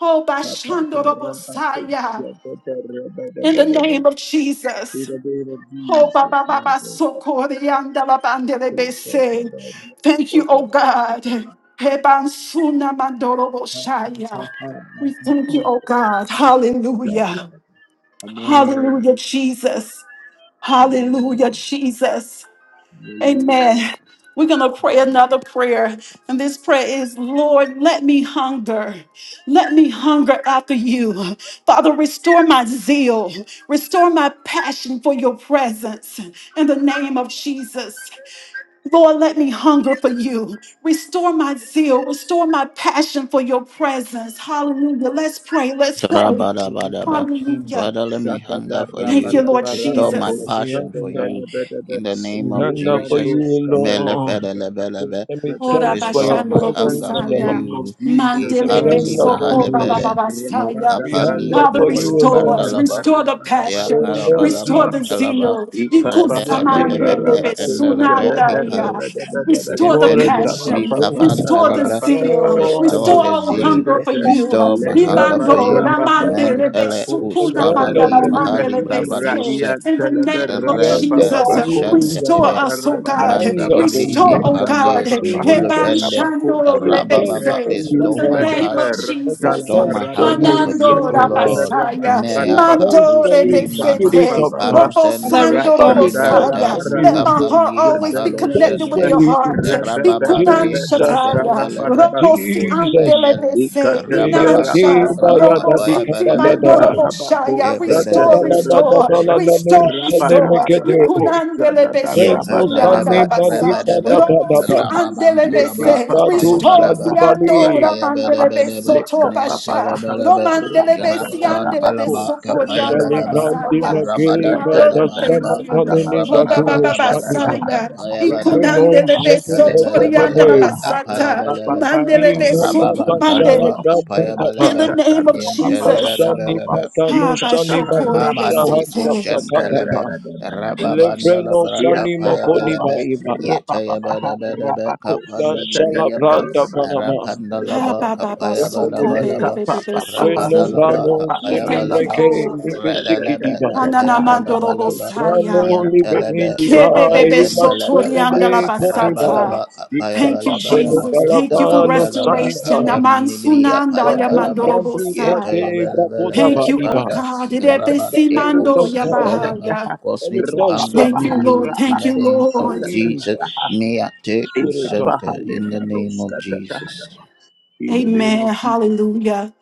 Oh, Bashando Bosaya, in the name of Jesus. Oh, Baba Baba, ba ba, so corianda la bandele bese. Thank you, oh God. Heban suna mandoro boshaya. We thank you, oh God. Hallelujah. Hallelujah, Jesus. Hallelujah, Jesus. Amen. We're going to pray another prayer. And this prayer is Lord, let me hunger. Let me hunger after you. Father, restore my zeal. Restore my passion for your presence in the name of Jesus. Lord, let me hunger for you. Restore my zeal. Restore my passion for your presence. Hallelujah. Let's pray. Let's pray.
Tra-ba-da-ba-da-ba.
Hallelujah.
Father, let me hunger for
Thank
you.
you, Lord
Restore my
Jesus.
the
passion for
hunger,
you in the name
the
of
hunger for
Jesus.
you, Lord.
Mele-fele-le-be-le-be.
Let me
Ora
thanks for your
Restore my
bashandoro
presence,
hunger for
Lord.
bosaya.
you.
Let
Mandele
me
Ipani
hunger for
besoko baba
you.
mahalebede.
baba
No
saya.
We
kapani
hunger
Father,
for you,
restore us,
Lord.
muholufrandalaba.
restore the
Ya
Oh
passion,
Lord
restore
parabalaba
the
Jesus,
kalaba.
zeal.
I'm the
Rebedebedebe
Ikusamandele
gift and the
kependelebe
God,
besunandaya.
ipalus.
the
Restore the
waters of
Depenus
my
mi
passion,
soul.
restore the
pafandalabra.
zeal,
Lord
Restore
restore
the
our
zeal,
Jesus,
hunger for you.
restore my
let me
hunger for
hunger for
Ibando
you.
you, God.
ramandele
Mendele
Let me
besukuna
hunger
mandala
kuspavandi
for you,
mahali
pandele
Jesus.
bravadusa
bese. In the
Let
name of
me
rende
hunger for
Jesus,
you.
Restore
kushentelebe
us, oh
Let me
God.
hunger
mandidibri
for
Restore, oh
you,
God.
ipande
Heban
Jesus.
muhulufende
Shando
Let me thirst
rabababa
for
Lebese. In
you,
restore
the
my
Lord.
name of
passion
Let me
Jesus.
restore
thirst
my
for
hunger for
you,
you
Hanando
o
Jesus.
lord
Rabasaya.
Let me
mea
thirst
Mando
for you,
paluski mani
Spirit
Rebesete.
of God.
Robo
Father,
ipalusente
Sando
restore
Let
me.
me thirst
nibranta
of
Robosaya. Let
you.
my heart
nukapani
Let
always
me
be
thirst
connected with
for
mahalusente
your heart.
you.
Ikunan
rababande
Jesus,
Shataya.
kushentelebre
Robo Si Ande
Jesus.
ipospendele
Lebese.
Eya
rababande
Inansha.
deva
labra
ya
Robo
da di
kapaya
kapa
Siti
bada
da
bada
Mando
da
Roboshaya.
da da
bada
da
Restore,
da da da
restore,
da la la no
restore,
se ne me
restore.
ke de
Ikunandele
re
beso
no
tori
Yapandalaba
andala
ba di
basa.
ba da
Rabadaba
ba
Robo
da
si
ba
andele
di
Rababantalaba
bese.
ta do
Restore
sa
si
di
Apayabalaba
ba
ando
di
ramandele beso
Yetayabalabadaba
to basha.
Nantalabalaba
Romandele besi andele
Rababantalaba
beso
no
tori andala
ba
Kapayabalaba
di ma
basaya.
ba
Father,
da
we
sa
thank
Rabadantalabalaba
ba
you.
ne ne
Oh,
ba ku
Baba
no
Rabadabadabadaba
ba
Basaya,
di pre
Apayabalaba
no
Ikunandele
ne
beso
me
tori andala
Yetalabalabalaba
basata.
Apayabalaba
Mandele
i no
beso
da ba sa
Rababantalaba
kumande.
ba da da ba
In
Apayabalaba
the name of Jesus.
Nipashani
Yentalabalabalaba
Pakano
Ha ba
Sani
shoko
Bano
rebe
Mamande
sete.
Shahanta
Koshen Telebe,
Pakatapa.
Thank you.
Rababandala
Levreno Sani
Brakapaya
Mokoni
Belebe,
Baiba.
Yetaya Bada Bada
La
Kapandi
Sala
Briapa,
Pranta Panama.
Ha
Rapandalaba
ba ba ba
Kapaya
soko
Ekelibe.
bebe
Balabalaba,
bebe be
Seno
sete.
Rapadalaba
Brano
We
Kapaya
thank you,
Sinimreke
Balaba,
Lord.
Nivisiki
Redalebe
Diba.
Anana
Kapaya
mandorobo
Balabalaba,
saya.
Brano Live
Niantelebe
Indiba.
Kebe
Kupaya
bebe
Ema
sotori
Pendalebelebe,
andala
Senibre Koniba.
basata.
Rabalaba Kapaya
Thank you,
Seno
Balabalaba.
Jesus. Thank you for
Balabano
Randalaba,
Sani
restoration.
Bai.
Naman
Apaninibri,
sunanda ya
Bako
Apayabalaba,
mandorobo
Brandi
sa.
Brake Brako
Yetayabalabalaba,
Dava
Thank you, oh
Diba.
Father,
God. Rebe
Rabanteko,
Spirit
simando
of
ya
God,
Santalaba,
bahaya.
cause
let
me to
test of
hunger
Thank
for
you,
you.
Lord.
you in
Thank
the
you,
name of
Lord.
Jesus.
Jesus.
May I take
Spirit of God.
Santa in the name of Jesus.
Amen. Hallelujah.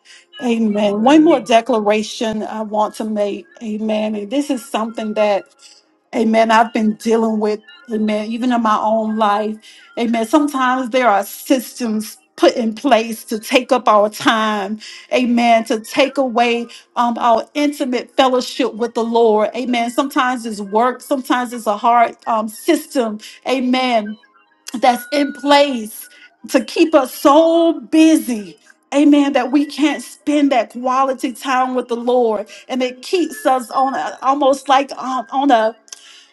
Amen. One more declaration I want to make. Amen. And this is something that, amen, I've been dealing with, amen, even in my own life. Amen. Sometimes there are systems put in place to take up our time. Amen. To take away um, our intimate fellowship with the Lord. Amen. Sometimes it's work. Sometimes it's a hard um, system. Amen that's in place to keep us so busy. Amen. That we can't spend that quality time with the Lord, and it keeps us on a, almost like um, on a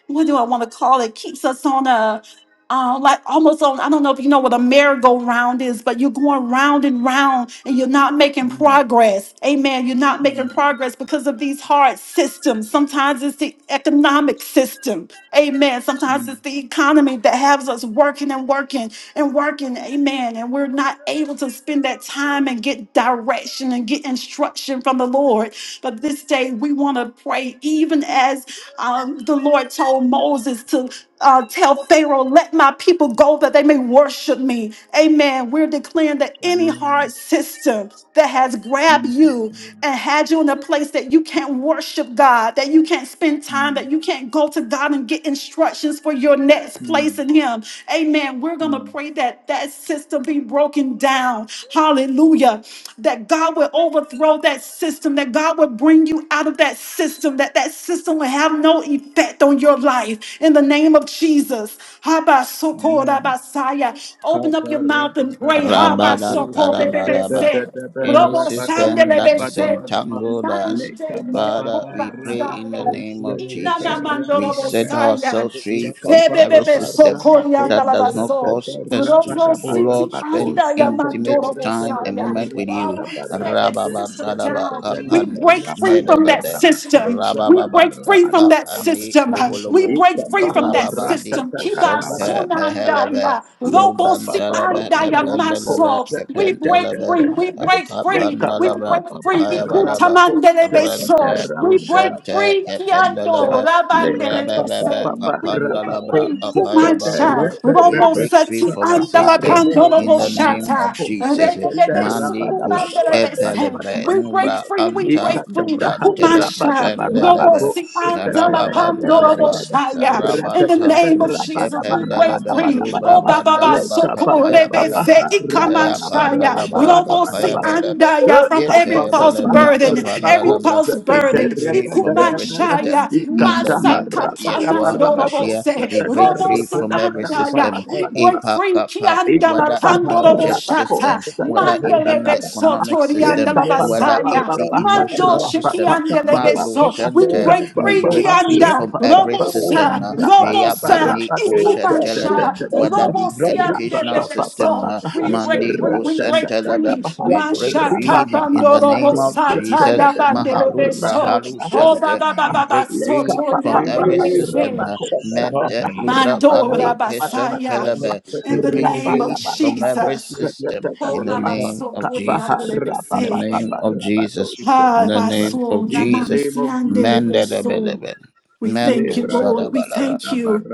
what do I want to call it? Keeps us on a uh, like almost on, I don't know if you know what a merry-go-round is, but you're going round and round and you're not making progress. Amen. You're not making progress because of these hard systems. Sometimes it's the economic system. Amen. Sometimes it's the economy that has us working and working and working. Amen. And we're not able to spend that time and get direction and get instruction from the Lord. But this day we want to pray, even as um, the Lord told Moses to uh, tell Pharaoh, let my people go that they may worship me. Amen. We're declaring that any hard system that has grabbed you and had you in a place that you can't worship God, that you can't spend time, that you can't go to God and get instructions for your next place in Him. Amen. We're going to pray that that system be broken down. Hallelujah. That God would overthrow that system, that God would bring you out of that system, that that system will have no effect on your life. In the name of Jesus. Habasokorabasaya. Open up your mouth and pray.
Rabadan Tarabalaba.
Habasokorebebese.
Any system that has
Robosandelebese.
entangled
Thank you.
us, Father, we pray in the
Mandelesokobasaya.
In the
name of
name of
Jesus.
Jesus.
We set
Inanamandorobosaya.
ourselves
The God
free from
of this
every
Tebebebe
system that does not
sokoriandalabaso.
cause us to,
Roto
Jesus.
oh
city
Lord, spend
anda
intimate time and
yamandorobosaya.
The
moment
God
with you.
Father, we tear that system
Rababandadaba
down.
who lives
We break
kapandus
free
in
from that
nededede.
system. We
Rabababa
break free from that
kapani
system.
the name of
We
muholobo.
Jesus.
break free from that
Rababandi
system. Keep our
osente
Lord, this
meheleve.
sunandaya. Robo si
Nubrantalaba
andaya
Capendalaba
maso. Jesus. We break
for
Capentalaba
free.
my
We break free. We
family.
Capandalaba
break
Thank
free.
you.
Capayabalaba Rente
Ikutamanderebeso. We break
Cusente
free.
This
Tiando.
family
Capendalaba Rebebebe
Rabanderebeso. We
with your
break
heart.
Capandalabra
free. Kumansha.
Apayabalaba
Yes,
we
Robo
this
break
is
free
seti
with
from a
andala
your
system
heart.
in
pandolobo
the name
shata.
of
The
Jesus.
peace
Regedebeso
of
Mandi
the
kush
family.
kumanderebese.
epelevre
We break
nubra
free. We
The
anta
family
break free.
nubra nteleke
Kumansha. Robo
pendelebe
si andala in
rababantalaba
the
Rabanta
name of
Nuske
Jesus, we break
Pendelebe
free.
Lubra
Oh, Baba
Bandalaba
Basoko
Kapaya
with
Balaba
Rebese
Naya
Ikamanshaya.
Pandalabra
your hope
Kapaya
Robosi
Balaba
Andaya from every
Yete
false
Balaba
burden,
in that
every
Kapandalabra.
false
We
burden.
break
way.
free from
So
every
to go
system
Ikumanshaya.
through that.
in the name of
Masakata
Ba,
Yeshua
ba, ba,
HaMashiach.
ba, ba,
We
Mandorobose.
ba,
break
ba,
free
Robosi
from
ba,
every
ba, ba,
Andaya.
system.
ba,
We
ba.
break
Ipa
free.
Kappa,
Kiandala
whether it be church system, whether
Pandorobosha.
it be in the
Lebeso
economic
torianda
system,
la
whether
basaya.
it be
Mando
emotional system,
shikianda
Mando
lebeso. We
Center.
break
We
free
break free
kianda.
from every system.
Robosa,
uh,
robosa,
Yapani Kushen telebe,
ikumansha,
whether the
robosiande
educational system, uh,
lebeso. We break
Mandi
free, we
Oh,
Kushen
break
telebe.
free.
We break
Masha
free in
kabando
the name of
robosa
Jesus.
taya
Mahalu
lebeso.
Brahalu
Oh, ba
Shente.
ba ba
We
ba ba
break
so
free from
torianda
every system.
lebese.
uh, Mente Lubra
Mando
Bandi Kushen
rabasaya.
telebe. We
In the
break
name of
free from every
Jesus.
system
Oh,
in the
Baba,
name
so
of
holy,
Jesus.
andele
In the
bese.
name of Jesus. In
Ah,
the name of
baso,
Jesus.
namansi, andele beso.
Mandadabadaba.
We thank
Mando
you, Lord. We
shadabadaba.
thank you.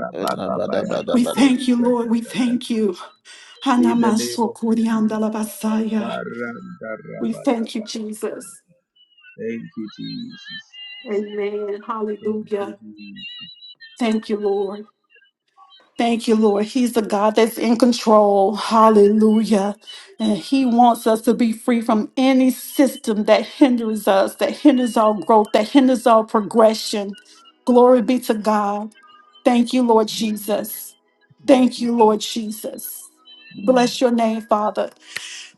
We thank you, Lord. We thank you. Hanamaso, kori, andala basaya. We thank you, Jesus. Amen. Hallelujah. Thank you, Lord. Thank you, Lord. He's the God that's in control. Hallelujah. And He wants us to be free from any system that hinders us, that hinders our growth, that hinders our progression. Glory be to God. Thank you, Lord Jesus. Thank you, Lord Jesus. Bless your name, Father.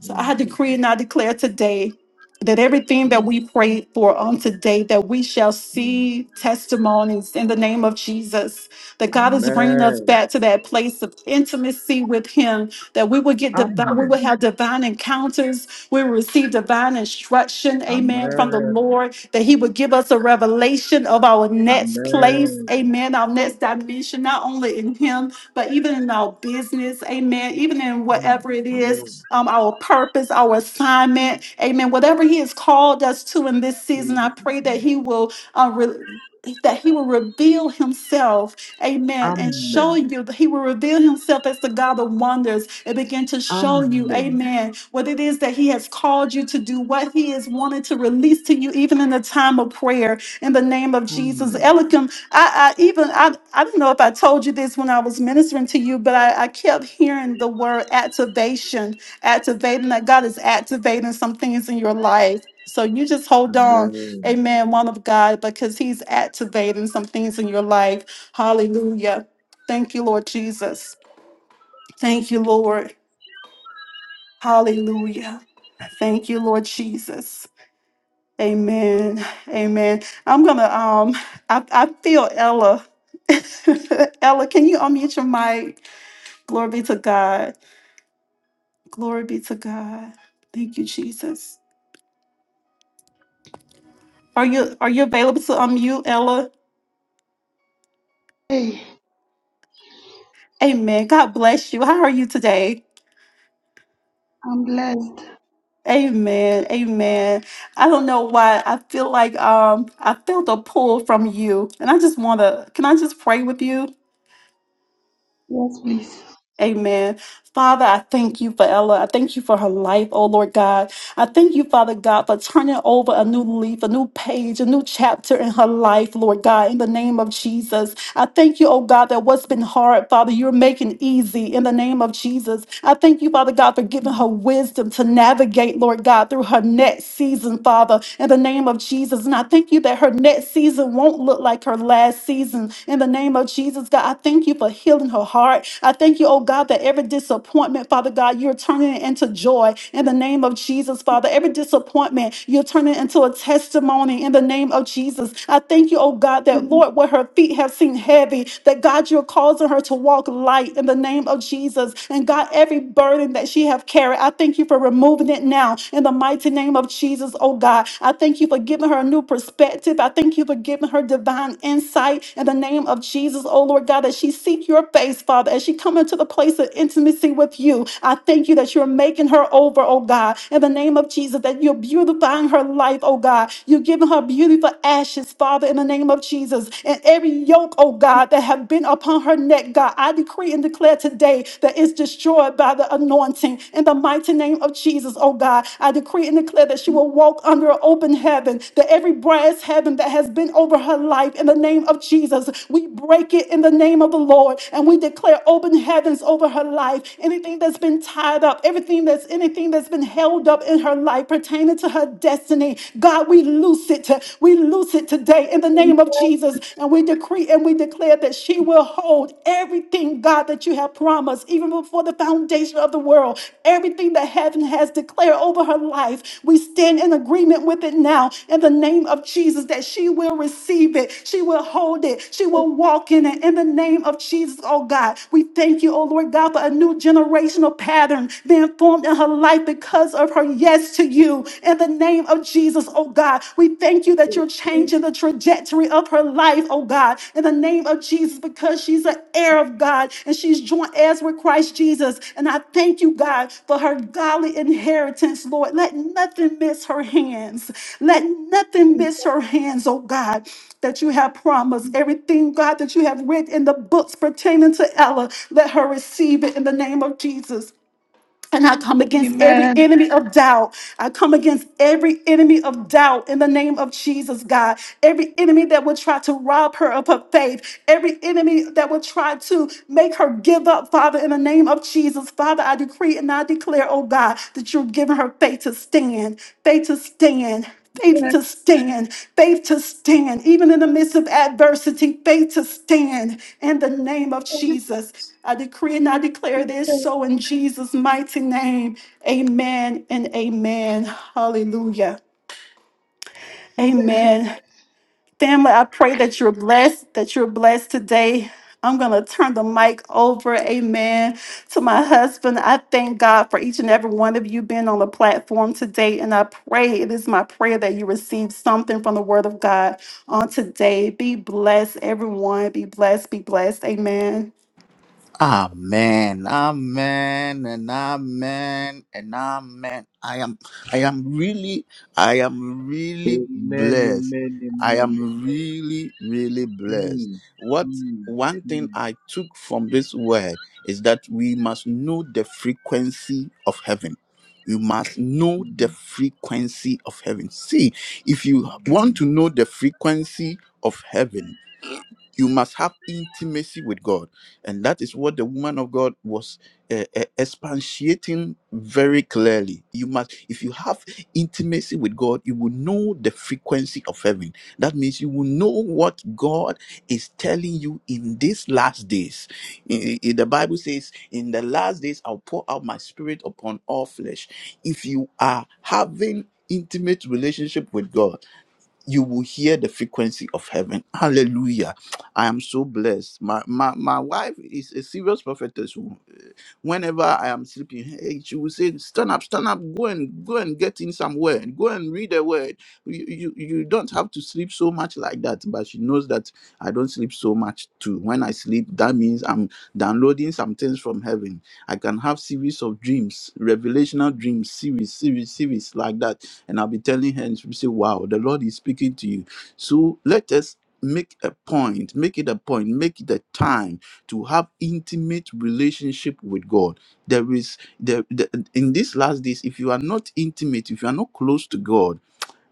So I decree and I declare today that everything that we prayed for on today, that we shall see testimonies in the name of Jesus, that God is bringing us back to that place of intimacy with Him, that we will get divine, we will have divine encounters, we will receive divine instruction, amen, from the Lord, that He would give us a revelation of our next place, amen, our next dimension, not only in Him, but even in our business, amen, even in whatever it is, um, our purpose, our assignment, amen, whatever He has called us to in this season, I pray that He will. Uh, re- that he will reveal himself Amen. And show you that He will reveal Himself as the God of wonders and begin to show you, Amen, what it is that He has called you to do, what He is wanting to release to you, even in the time of prayer. In the name of Jesus, Elikim, I, I even I, I don't know if I told you this when I was ministering to you, but I, I kept hearing the word activation, activating that God is activating some things in your life. So you just hold on, amen, one of God, because He's activating some things in your life. Hallelujah. Thank you, Lord Jesus. Thank you, Lord. Hallelujah. Thank you, Lord Jesus. Amen. Amen. I'm gonna um I, I feel Ella. Ella, can you unmute your mic? Glory be to God. Glory be to God. Thank you, Jesus. Are you are you available to unmute, Ella?
Hey,
Amen. God bless you. How are you today?
I'm blessed.
Amen. Amen. I don't know why. I feel like um I felt a pull from you. And I just wanna can I just pray with you?
Yes, please.
Amen. Father, I thank you for Ella. I thank you for her life, oh Lord God. I thank you, Father God, for turning over a new leaf, a new page, a new chapter in her life, Lord God, in the name of Jesus. I thank you, oh God, that what's been hard, Father, you're making easy in the name of Jesus. I thank you, Father God, for giving her wisdom to navigate, Lord God, through her next season, Father, in the name of Jesus. And I thank you that her next season won't look like her last season in the name of Jesus, God. I thank you for healing her heart. I thank you, oh God, that every disappointment, Father God, you're turning it into joy in the name of name of Jesus, Father. Every disappointment, you're turning into a testimony in the name of Jesus. I thank you, oh God, that Lord, where her feet have seemed heavy, that God, you're causing her to walk light in the name of Jesus. And God, every burden that she have carried, I thank you for removing it now in the mighty name of Jesus, oh God. I thank you for giving her a new perspective. I thank you for giving her divine insight in the name of Jesus, oh Lord God, that she seek your face, Father, as she come into the place of intimacy with you. I thank you that you're making her over over, oh God, in the name of Jesus, that you're beautifying her life, oh God. You're giving her beautiful ashes, Father, in the name of Jesus. And every yoke, oh God, that have been upon her neck, God, I decree and declare today that it's destroyed by the anointing. In the mighty name of Jesus, oh God, I decree and declare that she will walk under an open heaven, that every brass heaven that has been over her life, in the name of Jesus, we break it in the name of the Lord and we declare open heavens over her life. Anything that's been tied up, everything that's anything that's been held up in her life pertaining to her destiny. God, we loose it. We loose it today in the name of Jesus. And we decree and we declare that she will hold everything, God, that you have promised, even before the foundation of the world. Everything that heaven has declared over her life, we stand in agreement with it now in the name of Jesus that she will receive it. She will hold it. She will walk in it in the name of Jesus, oh God. We thank you, oh Lord God, for a new generational pattern being formed in her life because of her yes to you. In the name of Jesus, oh God, we thank you that you're changing the trajectory of her life, oh God. In the name of Jesus, because she's an heir of God and she's joint heirs with Christ Jesus. And I thank you, God, for her godly inheritance, Lord. Let nothing miss her hands. Let nothing miss her hands, oh God, that you have promised. Everything, God, that you have written in the books pertaining to Ella, let her receive it in the name of Jesus. And I come against every
Amen.
enemy of doubt. I come against every enemy of doubt in the name of Jesus, God. Every enemy that would try to rob her of her faith. Every enemy that would try to make her give up, Father, in the name of Jesus. Father, I decree and I declare, oh God, that you're giving her faith to stand, faith to stand. Faith to stand, faith to stand, even in the midst of adversity, faith to stand in the name of Jesus. I decree and I declare this so in Jesus' mighty name. Amen and amen. Hallelujah. Amen. Family, I pray that you're blessed, that you're blessed today. I'm going to turn the mic over, amen, to my husband. I thank God for each and every one of you being on the platform today. And I pray, it is my prayer that you receive something from the word of God on today. Be blessed, everyone. Be blessed, be blessed. Amen.
Amen, amen, and amen, and amen. I am, I am really, I am really blessed. I am really, really blessed. What one thing I took from this word is that we must know the frequency of heaven. You must know the frequency of heaven. See, if you want to know the frequency of heaven, you must have intimacy with god and that is what the woman of god was uh, uh, expatiating very clearly you must if you have intimacy with god you will know the frequency of heaven that means you will know what god is telling you in these last days I- I- the bible says in the last days i'll pour out my spirit upon all flesh if you are having intimate relationship with god you will hear the frequency of heaven. Hallelujah. I am so blessed. My my, my wife is a serious prophetess. who, uh, Whenever I am sleeping, hey, she will say, Stand up, stand up, go and go and get in some word. Go and read a word. You, you you don't have to sleep so much like that. But she knows that I don't sleep so much too. When I sleep, that means I'm downloading some things from heaven. I can have series of dreams, revelational dreams, series, series, series like that and I'll be telling her, and she'll say, Wow, the Lord is speaking to you. So let us make a point, make it a point, make it a time to have intimate relationship with God. There is the, the in these last days, if you are not intimate, if you are not close to God,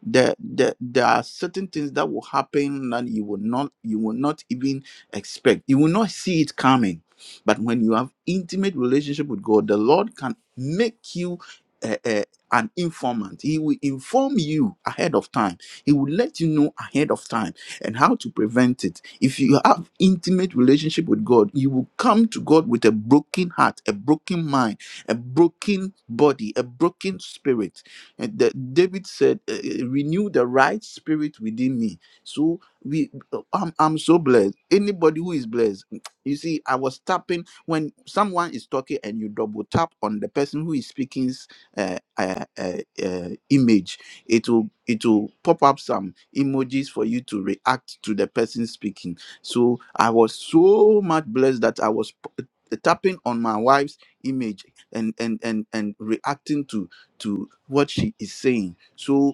there, there there are certain things that will happen that you will not you will not even expect you will not see it coming but when you have intimate relationship with god the lord can make you uh, uh, an informant he will inform you ahead of time he will let you know ahead of time and how to prevent it if you have intimate relationship with god you will come to god with a broken heart a broken mind a broken body a broken spirit and the, David said, uh, uh, "Renew the right spirit within me." So we, uh, I'm, I'm so blessed. Anybody who is blessed, mm, you see, I was tapping when someone is talking, and you double tap on the person who is speaking's uh, uh, uh, uh, image. It will, it will pop up some emojis for you to react to the person speaking. So I was so much blessed that I was p- tapping on my wife's image and and and and reacting to to what she is saying. So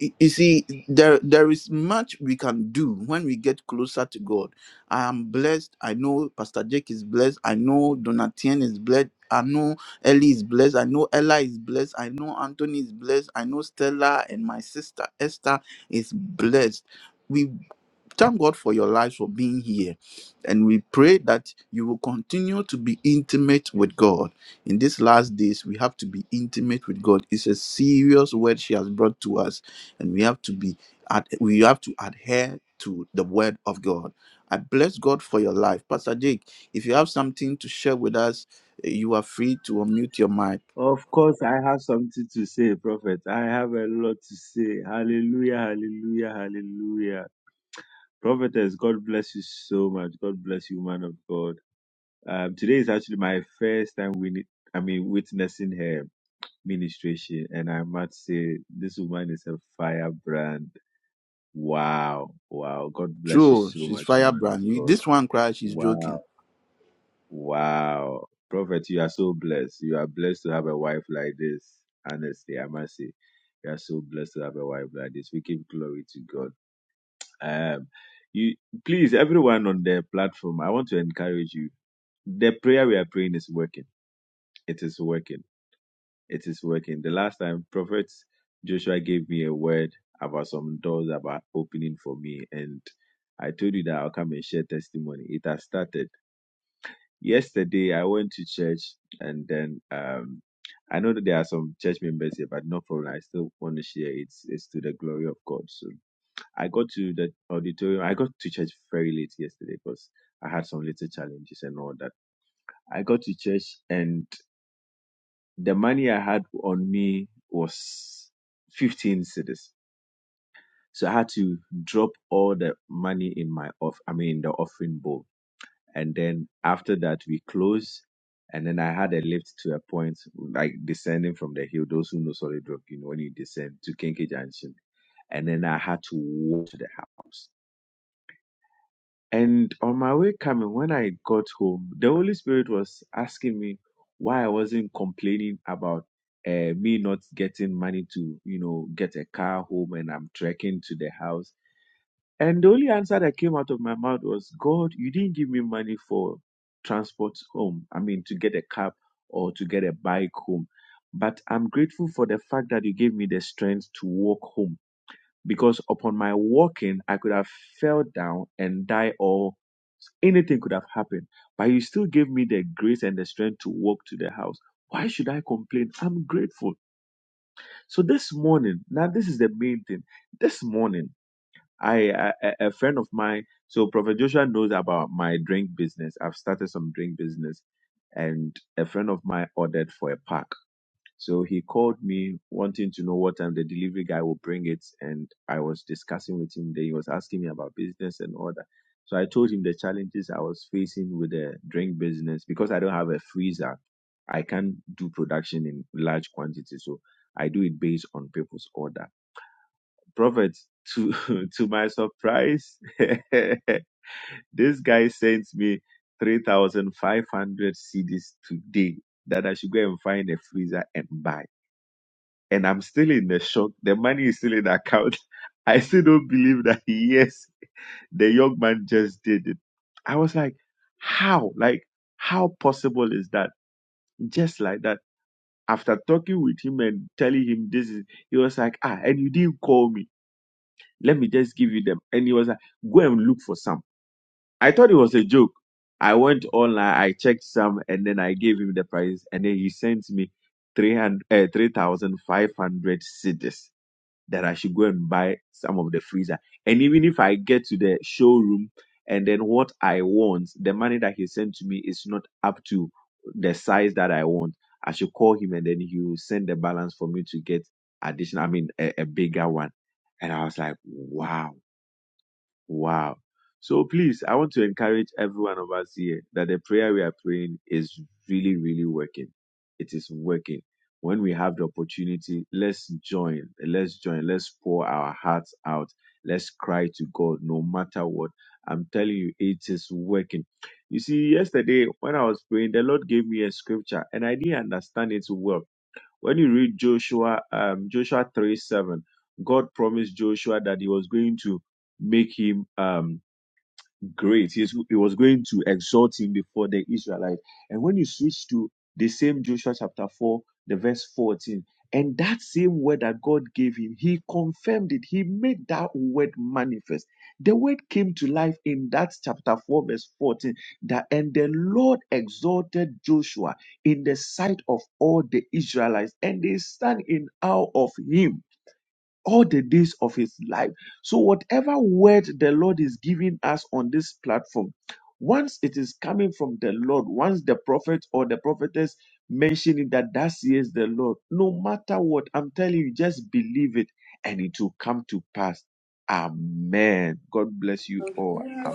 y- you see, there there is much we can do when we get closer to God. I am blessed. I know Pastor Jake is blessed. I know Donatien is blessed. I know Ellie is blessed. I know Ella is blessed. I know Anthony is blessed. I know Stella and my sister Esther is blessed. Thank God for your lives for being here. And we pray that you will continue to be intimate with God. In these last days, we have to be intimate with God. It's a serious word she has brought to us, and we have to be ad- we have to adhere to the word of God. I bless God for your life. Pastor Jake, if you have something to share with us, eh, you are free to unmute your mic. True, she's firebrand. You, this one cries, she's joking.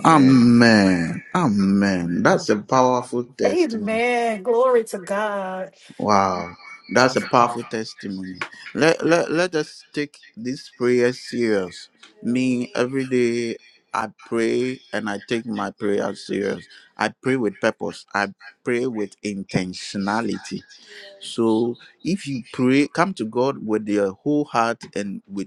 Amen. Amen. That's a powerful testimony. Wow. That's a powerful testimony. Let, let, let us take this prayer serious. Me, every day I pray and I take my prayer serious. I pray with purpose. I pray with intentionality. So if you pray, come to God with your whole heart and with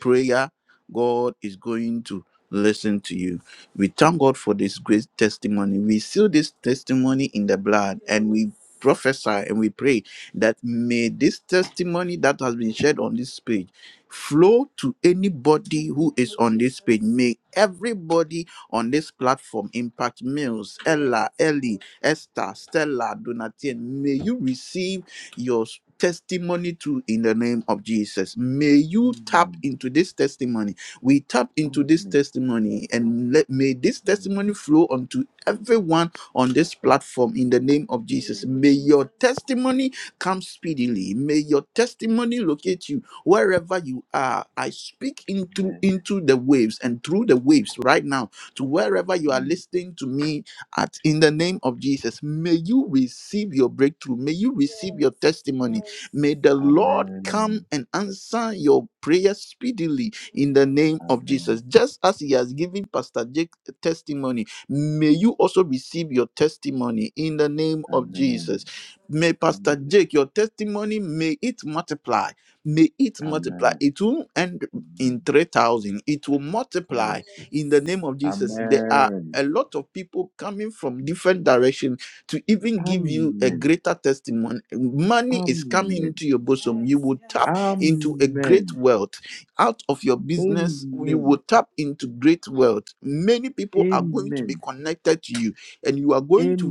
prayer, God is going to listen to you. We thank God for this great testimony. We seal this testimony in the blood and we prophesy and we pray that may this testimony that has been shared on this page flow to anybody who is on this page. May everybody on this platform, Impact Mills, Ella, Ellie, Esther, Stella, Donatien, may you receive your s- testimony too in the name of Jesus. May you tap into this testimony. We tap into this testimony and let may this testimony flow onto everyone on this platform in the name of Jesus. May your testimony come speedily. May your testimony locate you wherever you are i speak into into the waves and through the waves right now to wherever you are listening to me at in the name of jesus may you receive your breakthrough may you receive your Yes, testimony yes. may the lord come and answer your prayer speedily in the name of jesus just as he has given pastor jake a testimony may you also receive your testimony in the name of jesus may pastor jake your testimony may it multiply May it multiply. It will end in 3,000. It will multiply in the name of Jesus. There are a lot of people coming from different direction to even give you a greater testimony. Money is coming into your bosom. You will tap into a great wealth out of your business, you will tap into great wealth. Many people are going to be connected to you, and you are going to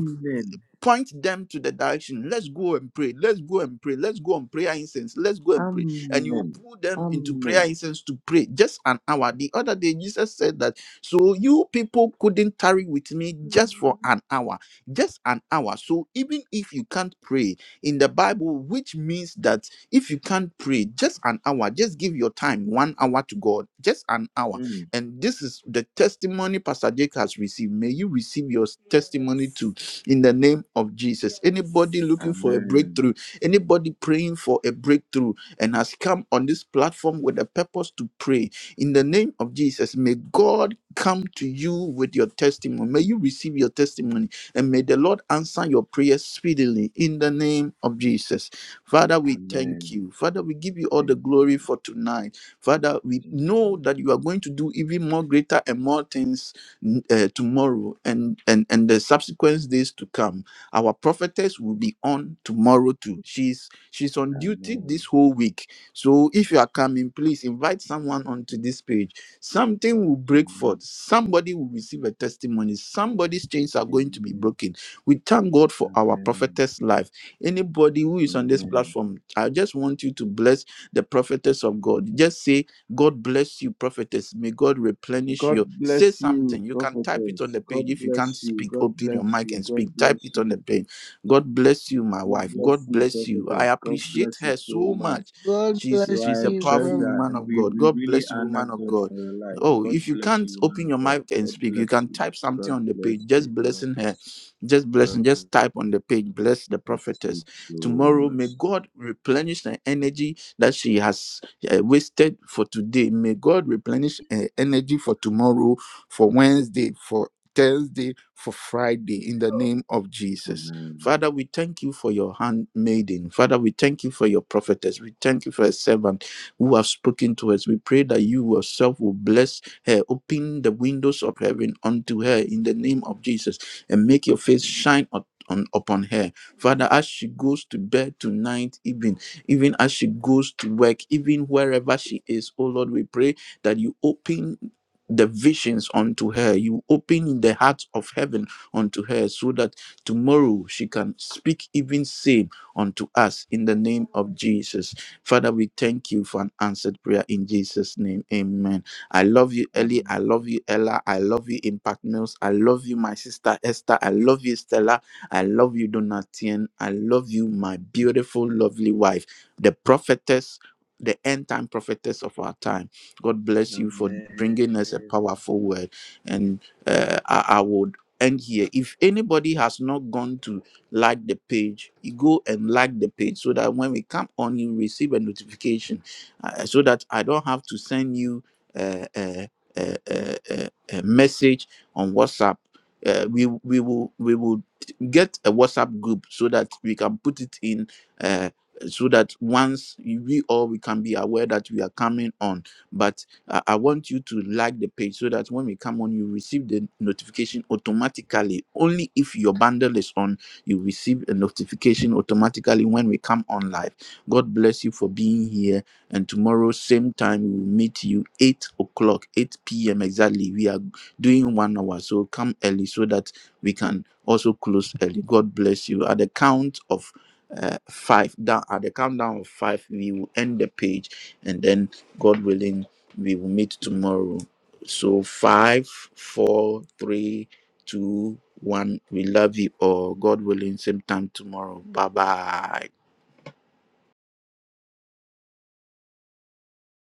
point them to the direction. Let's go and pray. Let's go and pray. Let's go on prayer incense. Let's go and pray. And you will pull them into prayer incense to pray just an hour. The other day, Jesus said that, so you people couldn't tarry with me just for an hour, just an hour. So even if you can't pray in the Bible, which means that if you can't pray just an hour, just give your time one hour to God, just an hour. And this is the testimony Pastor Jake has received. May you receive your testimony too in the name of Jesus. Anybody looking for a breakthrough, anybody praying for a breakthrough, and has come on this platform with a purpose to pray, in the name of Jesus, may God come to you with your testimony. May you receive your testimony, and may the Lord answer your prayers speedily in the name of Jesus. Father, we thank you. Father, we give you all the glory for tonight. Father, we know that you are going to do even more greater and more things uh, tomorrow and, and and the subsequent days to come our prophetess will be on tomorrow too she's she's on duty this whole week so if you are coming please invite someone onto this page something will break forth somebody will receive a testimony somebody's chains are going to be broken we thank god for our prophetess life anybody who is on this platform i just want you to bless the prophetess of god just say God bless you, prophetess. May God replenish you. Say something. You can type it on the page. If you can't speak, open your mic and speak. Type it on the page. God bless you, my wife. God bless you. I appreciate her so much.
God
She's
bless
she's a
you,
powerful
Prophet.
woman of God. God bless you, woman of God. Oh, if you can't open your mic and speak, you can type something on the page. Just blessing her. Just blessing. Just type on the page. Bless the prophetess. Tomorrow, may God replenish the energy that she has eh, wasted for today. May God replenish eh, energy for tomorrow, for Wednesday, for Thursday, for Friday, in the name of Jesus. Father, we thank you for your handmaiden. Father, we thank you for your prophetess. We thank you for a servant who have spoken to us. We pray that you yourself will bless her, open the windows of heaven unto her in the name of Jesus, and make your face shine up- on, upon her. Father, as she goes to bed tonight evening even as she goes to work, even wherever she is. Oh Lord, we pray that you open the visions unto her, you open the heart of heaven unto her, so that tomorrow she can speak even same unto us in the name of Jesus. Father, we thank you for an answered prayer in Jesus' name. Amen. I love you, Ellie. I love you, Ella. I love you, Impact Mills. I love you, my sister Esther. I love you, Stella. I love you, Donatien. I love you, my beautiful, lovely wife the prophetess, the end time prophetess of our time. God bless you for bringing us a powerful word. And uh, I, I would end here. If anybody has not gone to like the page, you go and like the page so that when we come on, you receive a notification uh, so that I don't have to send you uh, uh, uh, uh, uh, a message on WhatsApp. Uh, we we will we will get a WhatsApp group so that we can put it in uh, so that once we all we can be aware that we are coming on but I, I want you to like the page so that when we come on you receive the notification automatically only if your bundle is on you receive a notification automatically when we come on live god bless you for being here and tomorrow same time we will meet you 8 o'clock 8 p.m exactly we are doing one hour so come early so that we can also close early god bless you at the count of uh, five down at the countdown of five we will end the page and then god willing we will meet tomorrow so five four three two one we love you all god willing same time tomorrow bye bye